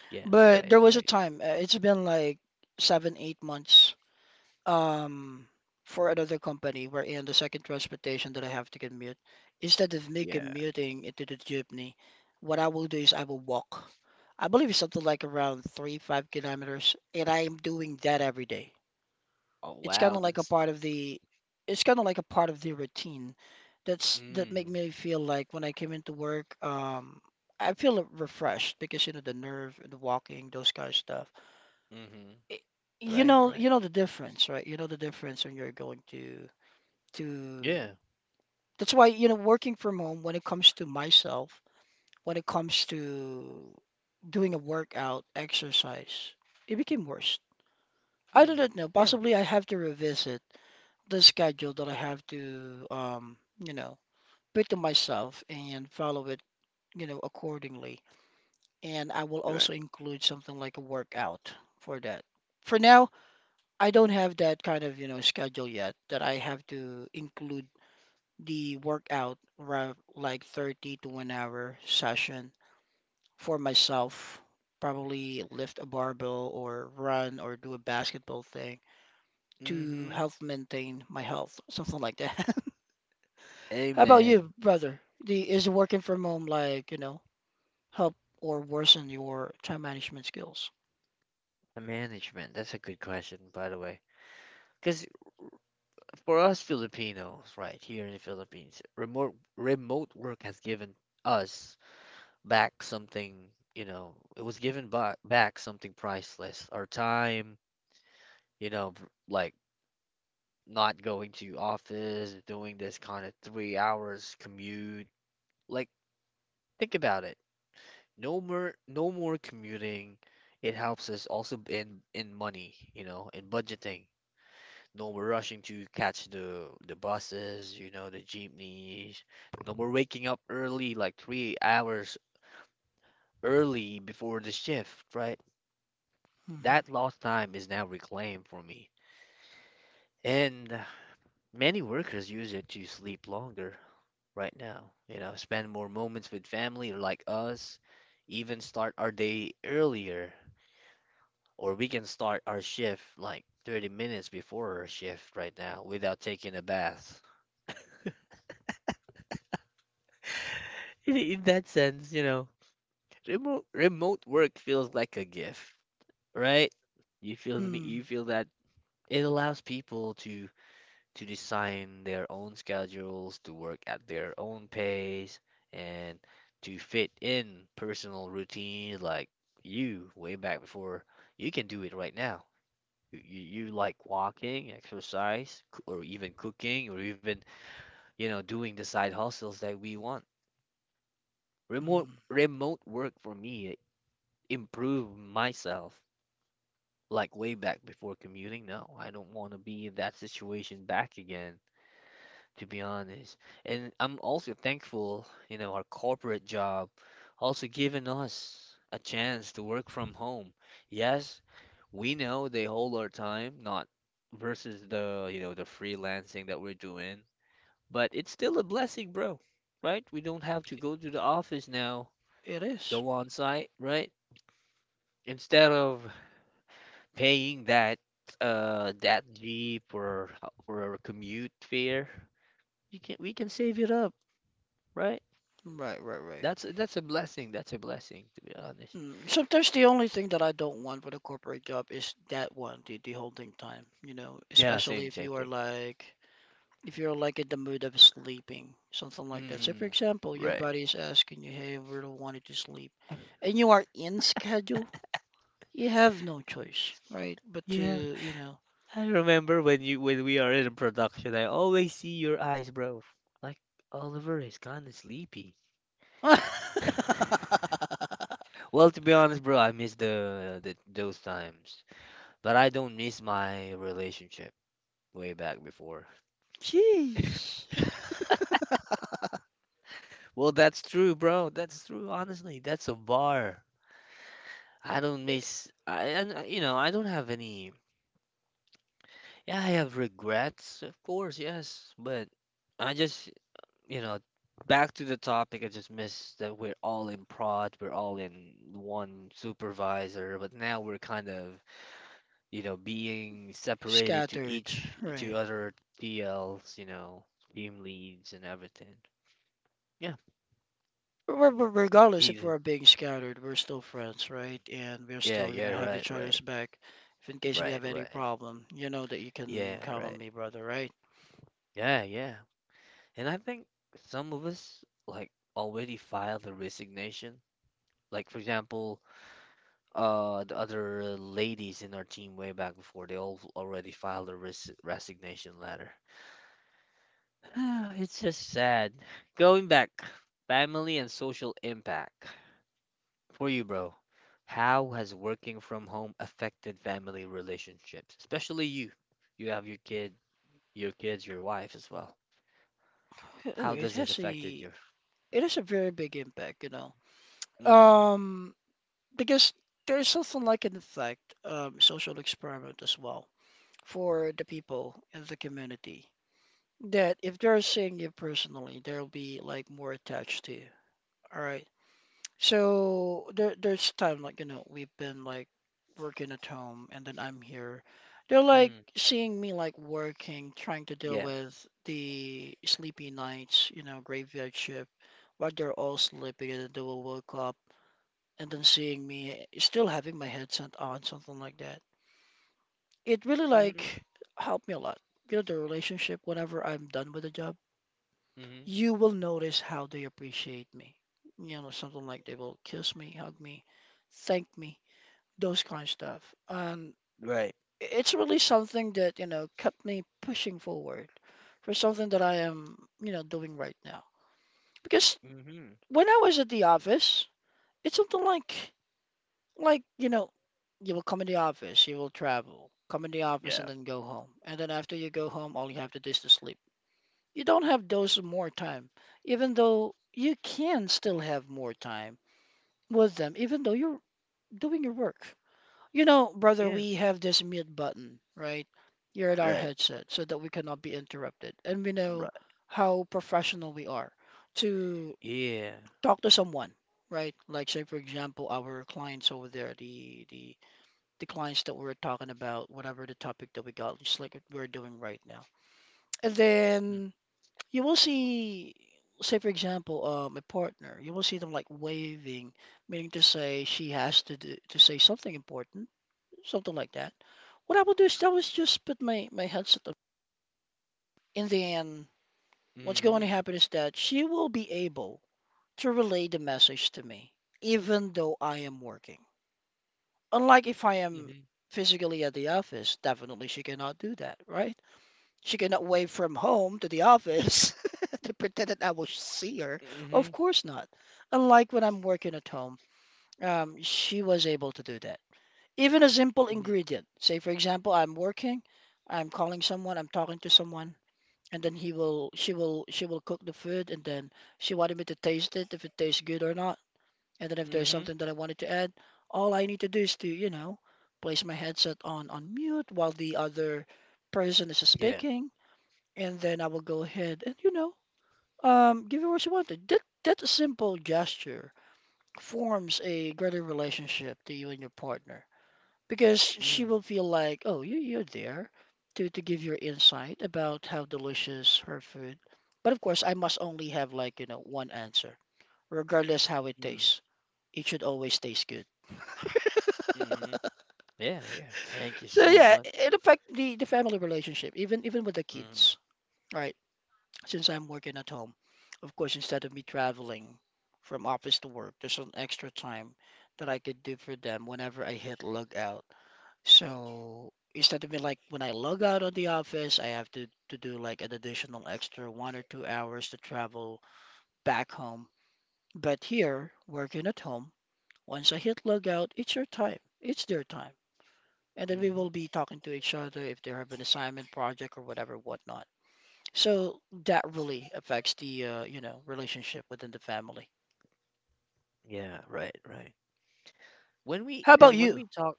S1: Yeah,
S2: But
S1: right,
S2: there was a
S1: right.
S2: time, it's been like 7, 8 months um, for another company wherein the second transportation that I have to commute, instead of me
S1: Yeah.
S2: commuting into the jeepney, what I will do is I will walk. I believe it's something like around 3, 5 kilometers, and I am doing that every day.
S1: Oh,
S2: It's kind
S1: wow,
S2: of like a
S1: that's
S2: part of the, it's kind of like a part of the routine that make
S1: mm,
S2: me feel like when I came into work, I feel refreshed because you know the nerve, the walking, those kind of stuff
S1: mhm.
S2: i-
S1: Right, right.
S2: you know the difference, right? You know the difference when you're going to
S1: Yeah.
S2: that's why you know working from home when it comes to myself when it comes to doing a workout exercise it became worse. I
S1: Hmm.
S2: don't know,
S1: Yeah,
S2: possibly I have to revisit the schedule that I have to you know put to myself and follow it, you know, accordingly. And I will
S1: right.
S2: also include something like a workout for that. For now, I don't have that kind of, you know, schedule yet that I have to include the workout like 30 to 1 hour session for myself. Probably lift a barbell or run or do a basketball thing to
S1: Mhm.
S2: help maintain my health, something like that. How about
S1: Amen.
S2: you, brother? The, is working from home like, you know, help or worsen your time management skills?
S1: The management. That's a good question, by the way. Because for us Filipinos, right, here in the Philippines, remote work has given us back something, you know, it was given by, back something priceless. Our time, you know, like not going to office, doing this kind of 3 hours commute. Like, think about it. No more, no more commuting. It helps us also in money, you know, in budgeting. No more rushing to catch the buses, you know, the jeepneys. No more waking up early, like 3 hours early before the shift, right?
S2: Mm-hmm.
S1: That lost time is now reclaimed for me. And many workers use it to sleep longer right now, you know, spend more moments with family like us, even start our day earlier. Or we can start our shift like 30 minutes before our shift right now without taking a bath. In that sense, you know, remote work feels like a gift, right? You feel me?
S2: Mm-hmm.
S1: You feel that it allows people to design their own schedules, to work at their own pace, and to fit in personal routines like you way back before. You can do it right now. You like walking, exercise, or even cooking, or even, doing the side hustles that we want. Remote work for me improve myself like way back before commuting. No, I don't want to be in that situation back again, to be honest. And I'm also thankful, you know, our corporate job also given us a chance to work from home. Yes, we know they hold our time, not versus the, you know, the freelancing that we're doing, but it's still a blessing, bro, right? We don't have to go to the office now,
S2: It is.
S1: go on site, right? Instead of paying that that Jeep or a commute fare, you can we can save it up, right?
S2: Right, right, right.
S1: That's a blessing. That's a blessing, to be honest.
S2: Mm. Sometimes the only thing that I don't want with a corporate job is that one, the holding time, you know,
S1: Yeah,
S2: especially
S1: same
S2: if
S1: same
S2: you are
S1: thing.
S2: like if you're like in the mood of sleeping, something like that. So for
S1: Mm,
S2: example, your
S1: right.
S2: body is asking you, hey, we don't want you to sleep, and you are in schedule, you have no choice, right? But to,
S1: Yeah,
S2: you know,
S1: I remember when you when we are in production, I always see your eyes, bro. Like Oliver is kind of sleepy. Well, to be honest, bro, I miss the those times, but I don't miss my relationship way back before.
S2: jeez,
S1: Well, that's true, bro. That's true. Honestly, that's a bar. I don't miss. I and you know I don't have any. Yeah, I have regrets, of course, yes, but I just, you know, back to the topic, I just miss that we're all in prod, we're all in one supervisor, but now we're kind of, you know, being separated to
S2: scattered,
S1: each, to
S2: right?
S1: other TLs, you know, team leads and everything. Yeah,
S2: Regardless if
S1: even.
S2: we're being scattered, we're still friends, right? And we're
S1: Yeah,
S2: still
S1: yeah,
S2: gonna have
S1: right,
S2: each other's
S1: right,
S2: back. If in case we
S1: right,
S2: have any
S1: right.
S2: problem, you know that you can
S1: Yeah,
S2: count on
S1: right.
S2: me, brother, right?
S1: Yeah, yeah. And I think some of us, like, already filed a resignation. Like, for example, the other ladies in our team way back before, they all already filed a resignation letter. It's just sad. Going back, family and social impact. For you, bro, how has working from home affected family relationships? Especially you. You have your kid, your kids, your wife as well. How
S2: It
S1: does it
S2: has
S1: affected
S2: a
S1: your?
S2: it has a very big impact, you know.
S1: Mm,
S2: Um, because there's something like an effect, social experiment as well for the people in the community. That if they're seeing you personally, they'll be like more attached to you. All right. So there there's time like you know we've been like working at home and then I'm here. They're like
S1: mm,
S2: seeing me like working, trying to deal
S1: yeah.
S2: with the sleepy nights, you know, graveyard shift, while they're all sleeping and then they will wake up and then seeing me still having my headset on, something like that. It really
S1: Mm-hmm,
S2: like helped me a lot. You know, the relationship whenever I'm done with the job
S1: mm-hmm.
S2: you will notice how they appreciate me. You know, something like they will kiss me, hug me, thank me, those kind of stuff. And
S1: Right.
S2: it's really something that, you know, kept me pushing forward for something that I am, you know, doing right now. Because
S1: Mm-hmm.
S2: when I was at the office, it's something like, you know, you will come in the office, you will travel, come in the office
S1: Yeah.
S2: and then go home. And then after you go home, all you have to do is to sleep. You don't have those more time, even though you can still have more time with them, even though you're doing your work. You know, brother,
S1: Yeah.
S2: we have this mute button, right? Here at our
S1: Right.
S2: headset so that we cannot be interrupted. And we know
S1: Right.
S2: how professional we are to
S1: Yeah. Mm.
S2: talk to someone, right? Like say for example our clients over there, the clients that we're talking about, whatever the topic that we got, just like we're doing right now. And then you will see, say for example, a partner. You will see them like waving, meaning to say she has to do, to say something important, something like that. What I will do is I will just put my headset on. In the end, what's going to
S1: Mhm.
S2: happen is that she will be able to relay the message to me, even though I am working. Unlike if I am
S1: Mhm.
S2: physically at the office, definitely she cannot do that, right? She cannot wave from home to the office to pretend that I will see her. Of
S1: Mhm.
S2: course not. Unlike when I'm working at home, she was able to do that. Even a simple
S1: Mhm.
S2: ingredient. Say, for example, I'm working, I'm calling someone, I'm talking to someone, and then she will cook the food, and then she wanted me to taste it if it tastes good or not, and then if there's
S1: Mhm.
S2: something that I wanted to add, all I need to do is to, you know, place my headset on mute while the other person is
S1: Yeah.
S2: speaking and then I will go ahead and you know give it what you want. To. That simple gesture forms a greater relationship to you and your partner because she
S1: Mhm.
S2: will feel like, oh, you're there to give your insight about how delicious her food. But of course, I must only have like you know one answer, regardless how it
S1: Mhm.
S2: tastes. It should always taste good.
S1: Mhm. Yeah, yeah. Thank you
S2: So
S1: so
S2: yeah,
S1: much.
S2: it affect the family relationship, even with the
S1: Mhm.
S2: kids, right? Since I'm working at home, of course, instead of me traveling from office to work, there's an extra time that I could do for them whenever I hit log out. So instead of me like when I log out of the office, I have to do like an additional extra 1 or 2 hours to travel back home. But here, working at home, once I hit log out, it's your time. It's their time. And then we
S1: Mhm.
S2: will be talking to each other if they have an assignment project or whatever, whatnot. So that really affects the you know, relationship within the family.
S1: Yeah, right, right. When we,
S2: How
S1: because
S2: about
S1: when
S2: you?
S1: we talk,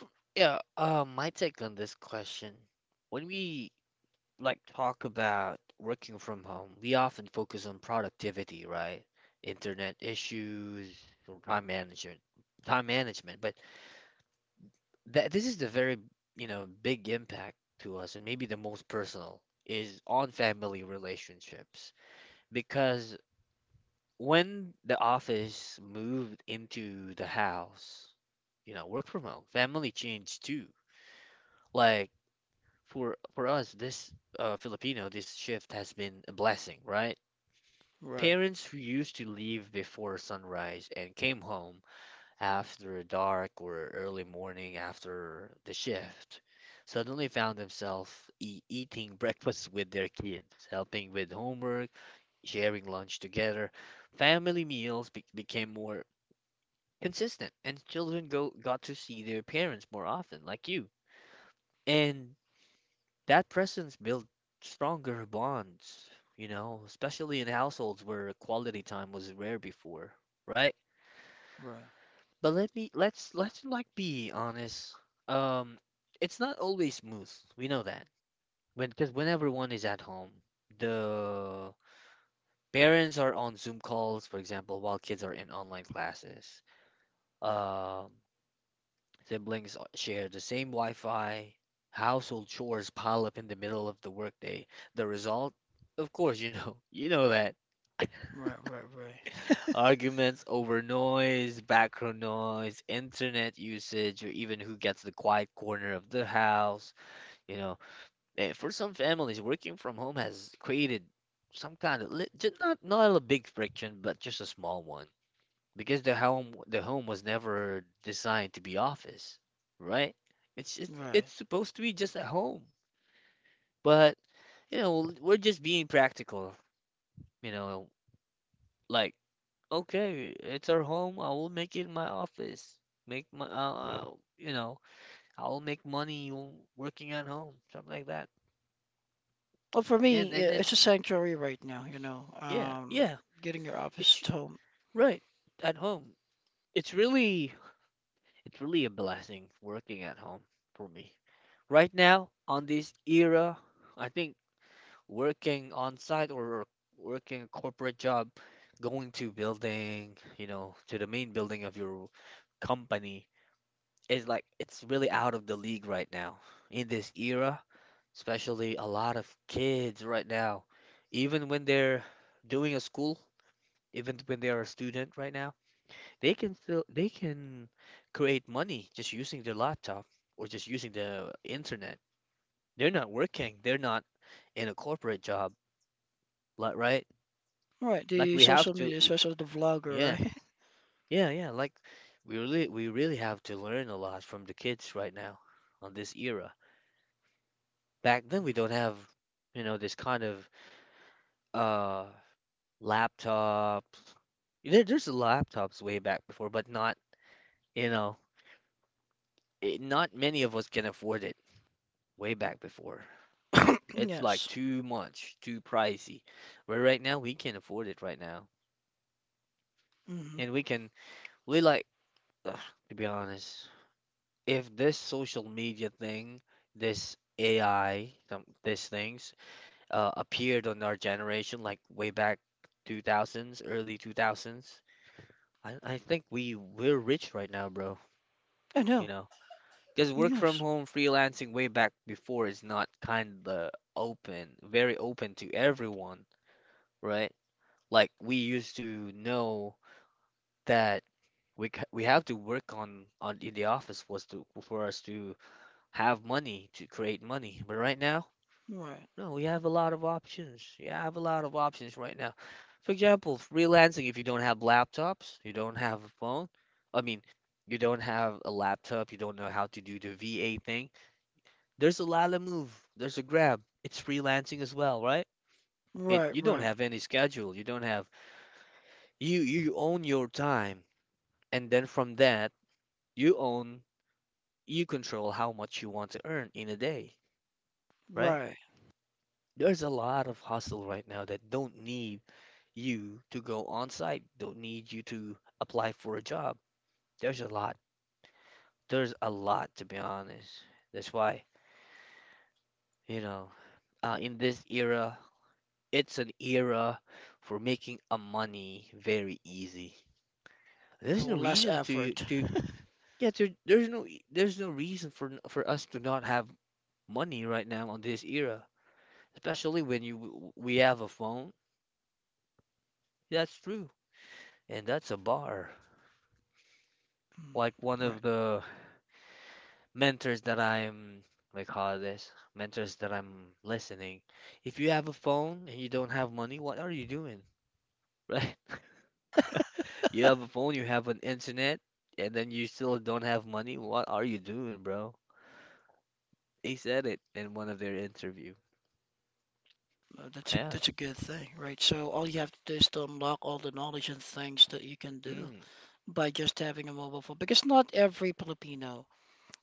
S1: f- yeah, my take on this question, when we like talk about working from home, we often focus on productivity, right? Internet issues, or time management, time management. But that this is the very, you know, big impact to us and maybe the most personal is on family relationships because when the office moved into the house, you know, work from home, family changed too. Like for us, this Filipino, this shift has been a blessing, right?
S2: Right,
S1: Parents who used to leave before sunrise and came home after dark or early morning after the shift, suddenly found themselves e eating breakfast with their kids, helping with homework, sharing lunch together. Family meals be became more consistent, and children go got to see their parents more often, like you. And that presence built stronger bonds, you know, especially in households where quality time was rare before, right?
S2: right,
S1: But let's like be honest. Um, it's not always smooth. We know that. When because when everyone is at home, the parents are on Zoom calls, for example, while kids are in online classes. Um, Siblings share the same Wi-Fi. Household chores pile up in the middle of the workday. The result, of course, you know, you know that.
S2: right, right, right,
S1: Arguments over noise, background noise, internet usage, or even who gets the quiet corner of the house. You know, for some families, working from home has created some kind of not not a big friction, but just a small one because the home was never designed to be office, right? It's
S2: right.
S1: supposed to be just a home, but you know, we're just being practical. You know, like. Okay, it's our home. I will make it my office. Make my, you know, I will make money working at home, something like that.
S2: Well, for me,
S1: And
S2: yeah,
S1: then
S2: it's a sanctuary right now, you know.
S1: yeah, yeah,
S2: Getting your office
S1: it's
S2: to home.
S1: right at home. It's really, it's really a blessing working at home for me. Right now, on this era, I think working on site or working a corporate job, going to building, you know, to the main building of your company is like it's really out of the league right now in this era, especially a lot of kids right now, even when they're doing a school, even when they are a student right now, they can create money just using their laptop or just using the internet. They're not working, they're not in a corporate job, like right?
S2: Right,
S1: Like
S2: the
S1: we have
S2: social
S1: to,
S2: media, especially the
S1: yeah,
S2: vlogger,
S1: yeah, yeah. Like we really have to learn a lot from the kids right now on this era. Back then we don't have you know this kind of uh laptop. There's laptops way back before but not you know not many of us can afford it way back before.
S2: right?
S1: It's like
S2: Yes.
S1: too much too pricey where right now we can afford it right now,
S2: Hmm.
S1: and we can we like ugh, to be honest if this social media thing this AI some these things appeared on our generation like way back 2000s early 2000s. I think we we're rich right now, bro.
S2: I
S1: You
S2: know.
S1: know, because work from
S2: Yes.
S1: home, freelancing way back before is not kind of open, very open to everyone, right? Like we used to know that we have to work on in the office was to for us to have money to create money, but right now.
S2: Right.
S1: No, we have a lot of options. You have a lot of options right now. For example, freelancing, if you don't have laptops, you don't have a phone, I mean, you don't have a laptop, you don't know how to do the VA thing, there's a lot Lala Move, there's a Grab. It's freelancing as well, right? It
S2: Right,
S1: you don't
S2: right,
S1: have any schedule, you don't have you own your time, and then from that, you own you control how much you want to earn in a day, right?
S2: right.
S1: There's a lot of hustle right now that don't need you to go on site, don't need you to apply for a job. There's a lot. There's a lot, to be honest. That's why, you know, in this era, it's an era for making a money very easy. There's no
S2: You less
S1: reason
S2: effort.
S1: to yeah, there, there's no reason for us to not have money right now on this era, especially when you we have a phone. That's true. And that's a bar.
S2: Mm.
S1: Like one of
S2: Right.
S1: the mentors that I'm, what do you call this, mentors that I'm listening. If you have a phone and you don't have money, what are you doing? Right? You have a phone, you have an internet, and then you still don't have money. What are you doing, bro? They said it in one of their interview. Yeah.
S2: That's a good thing, right? So all you have to do is to unlock all the knowledge and things that you can do
S1: Mm.
S2: by just having a mobile phone. Because not every Filipino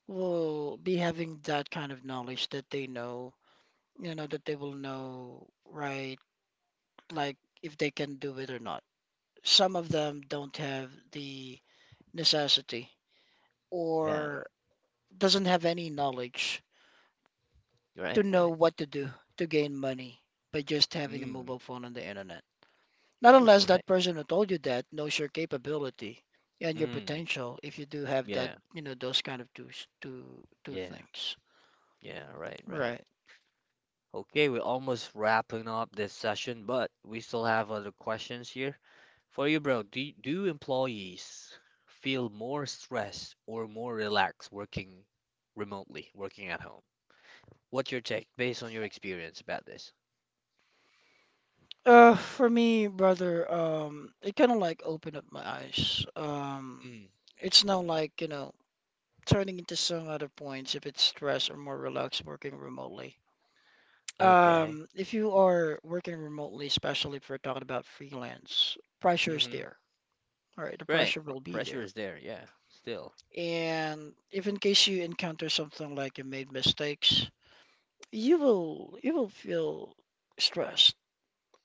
S2: will be having that kind of knowledge that they know, you know, that they will know, right? Like if they can do it or not. Some of them don't have the necessity
S1: Yeah.
S2: or doesn't have any knowledge to
S1: Right,
S2: know
S1: right.
S2: what to do to gain money by just having a
S1: Mm.
S2: mobile phone on the internet. Not unless
S1: Right.
S2: that person who told you that knows your capability and your
S1: Mm.
S2: potential if you do have that,
S1: Yeah.
S2: you know, those kind of two s- two two
S1: Yeah.
S2: things.
S1: Yeah. Right, right.
S2: Right.
S1: Okay, we're almost wrapping up this session, but we still have other questions here for you, bro. Do employees feel more stressed or more relaxed working remotely, working at home? What's your take based on your experience about this? Hmm.
S2: For me, brother, it kind of like opened up my eyes.
S1: Mm.
S2: It's now like, you know, turning into some other points if it's stress or more relaxed working remotely.
S1: Okay.
S2: If you are working remotely, especially if we're talking about freelance, pressure is
S1: Mm-hmm.
S2: there. All right, the
S1: Right.
S2: pressure will be
S1: Pressure
S2: there.
S1: is there. Yeah. Still.
S2: And if in case you encounter something like you made mistakes, you will feel stressed,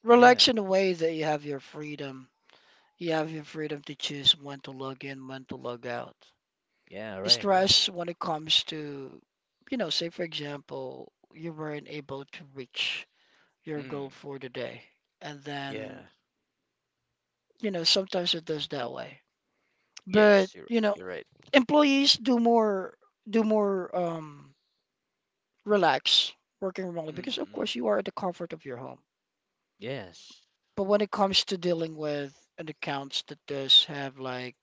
S2: relax
S1: Yeah.
S2: in a way that you have your freedom, you have your freedom to choose when to log in, when to log out.
S1: Yeah. Right. Right.
S2: Stress when it comes to, you know, say for example, you weren't able to reach your goal
S1: Mm.
S2: for the day, and then,
S1: Yeah.
S2: you know, sometimes it does that way. But
S1: Yes. You're.
S2: you know,
S1: You're right.
S2: employees do more, do more relax working remotely
S1: Mm.
S2: because of
S1: Mm.
S2: course you are at the comfort of your home.
S1: Yes.
S2: But when it comes to dealing with an accounts that does have like,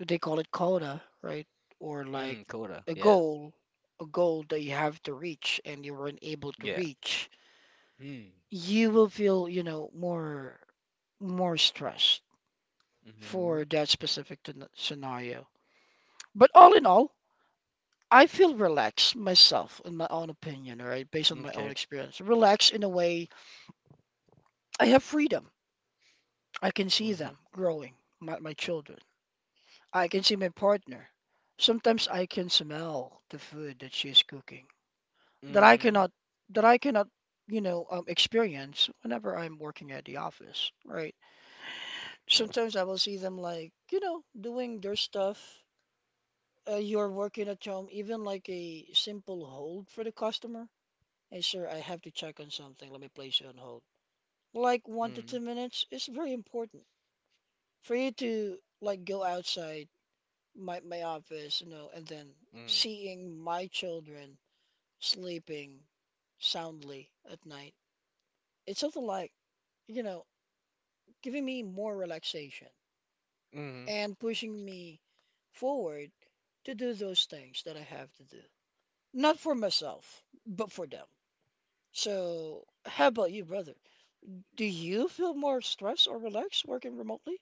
S2: they call it quota, right? Or
S1: Mm.
S2: like
S1: Coda.
S2: a
S1: Yeah.
S2: goal, a goal that you have to reach and you weren't able to
S1: Yeah.
S2: reach,
S1: Hmm.
S2: you will feel, you know, more, more stressed for
S1: Mhm.
S2: that specific scenario. But all in all, I feel relaxed myself in my own opinion, right? Based on my own
S1: Okay.
S2: experience. Relaxed in a way, I have freedom, I can see them
S1: Mhm.
S2: growing, my children. I can see my partner. Sometimes I can smell the food that she's cooking, that I
S1: Mhm.
S2: cannot, that I cannot you know, experience whenever I'm working at the office, right? Sometimes I will see them like, you know, doing their stuff. You're working at home, even like a simple hold for the customer. Hey, sir, I have to check on something. Let me place you on hold. Like one to two
S1: Mhm.
S2: minutes is very important for you to like go outside my office, you know, and then
S1: Mm.
S2: seeing my children sleeping soundly at night. It's something like, you know, giving me more relaxation
S1: Mhm.
S2: and pushing me forward to do those things that I have to do. Not for myself, but for them. So, how about you, brother? Do you feel more stressed or relaxed working remotely?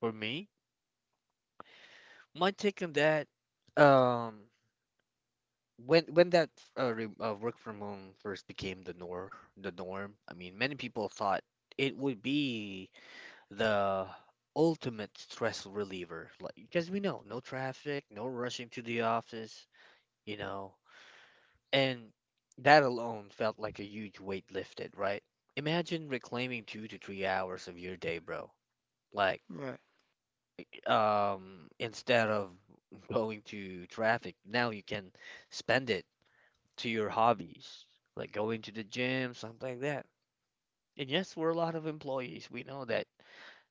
S1: For me, my take on that, um, when that re work from home first became the norm, I mean, many people thought it would be the ultimate stress reliever, like because we know no traffic, no rushing to the office, you know, and that alone felt like a huge weight lifted, right? Imagine reclaiming 2 to 3 hours of your day, bro. Like,
S2: Right.
S1: instead of going to traffic, now you can spend it to your hobbies, like going to the gym, something like that. And yes, we're a lot of employees. We know that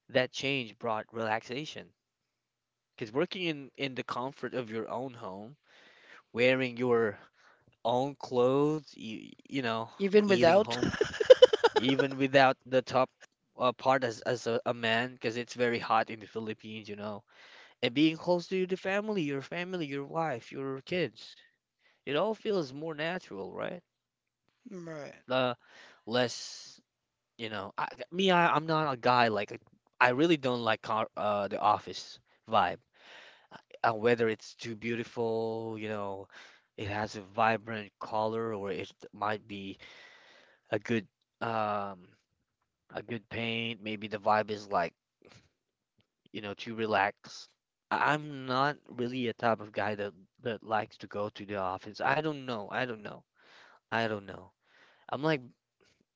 S1: that change brought relaxation. Because working in the comfort of your own home, wearing your own clothes, you know,
S2: Even
S1: eating
S2: without?
S1: home, even without the top part as a man, because it's very hot in the Philippines, you know and being close to the family, your wife, your kids. It all feels more natural, right?
S2: Right.
S1: Uh, Less, you know. I'm not a guy like I really don't like car, the office vibe. Whether it's too beautiful, you know, it has a vibrant color, or it might be a good, um, a good paint. Maybe the vibe is like you know, to relax. I- I'm not really a type of guy that likes to go to the office. I don't know. I don't know. I don't know. I'm like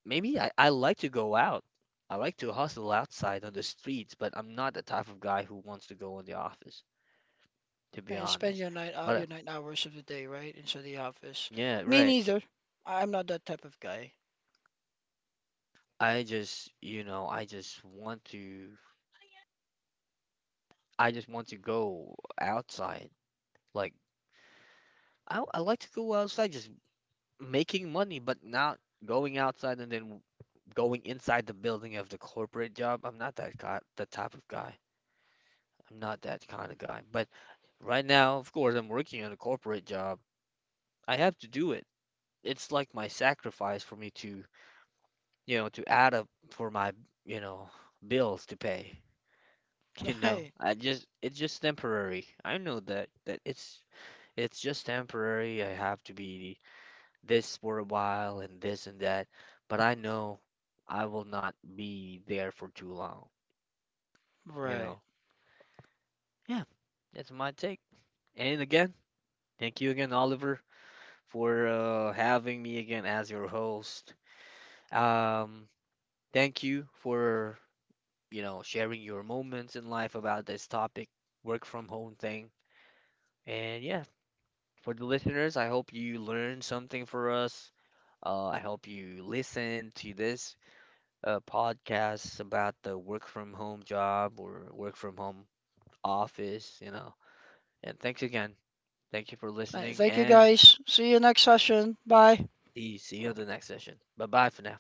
S1: maybe I like to go out. I like to hustle outside on the streets, but I'm not the type of guy who wants to go in the office, to be
S2: Yeah, and spend
S1: honest.
S2: your night
S1: But
S2: out, your 9 hours of the day, right? Into the office.
S1: yeah,
S2: Me
S1: right.
S2: neither. I'm not that type of guy.
S1: I just, you know, I just want to go outside. Like I like to go outside just making money, but not going outside and then going inside the building of the corporate job. I'm not that guy, the type of guy. I'm not that kind of guy. But right now, of course, I'm working on a corporate job. I have to do it. It's like my sacrifice for me to, you know, to add up for my, you know, bills to pay. You know,
S2: Hey,
S1: I just it's just temporary. I know that it's just temporary. I have to be this for a while and this and that, but I know I will not be there for too long,
S2: right.
S1: you
S2: Right.
S1: know. Yeah, that's my take. And again, thank you again, Oliver, for having me again as your host. Um, Thank you for, you know, sharing your moments in life about this topic, work from home thing. And yeah, for the listeners, I hope you learned something for us. I hope you listen to this podcast about the work from home job or work from home office, you know. And thanks again. Thank you for listening
S2: Thank you
S1: and
S2: guys. See you next session. Bye.
S1: See you at the next session. Bye bye for now.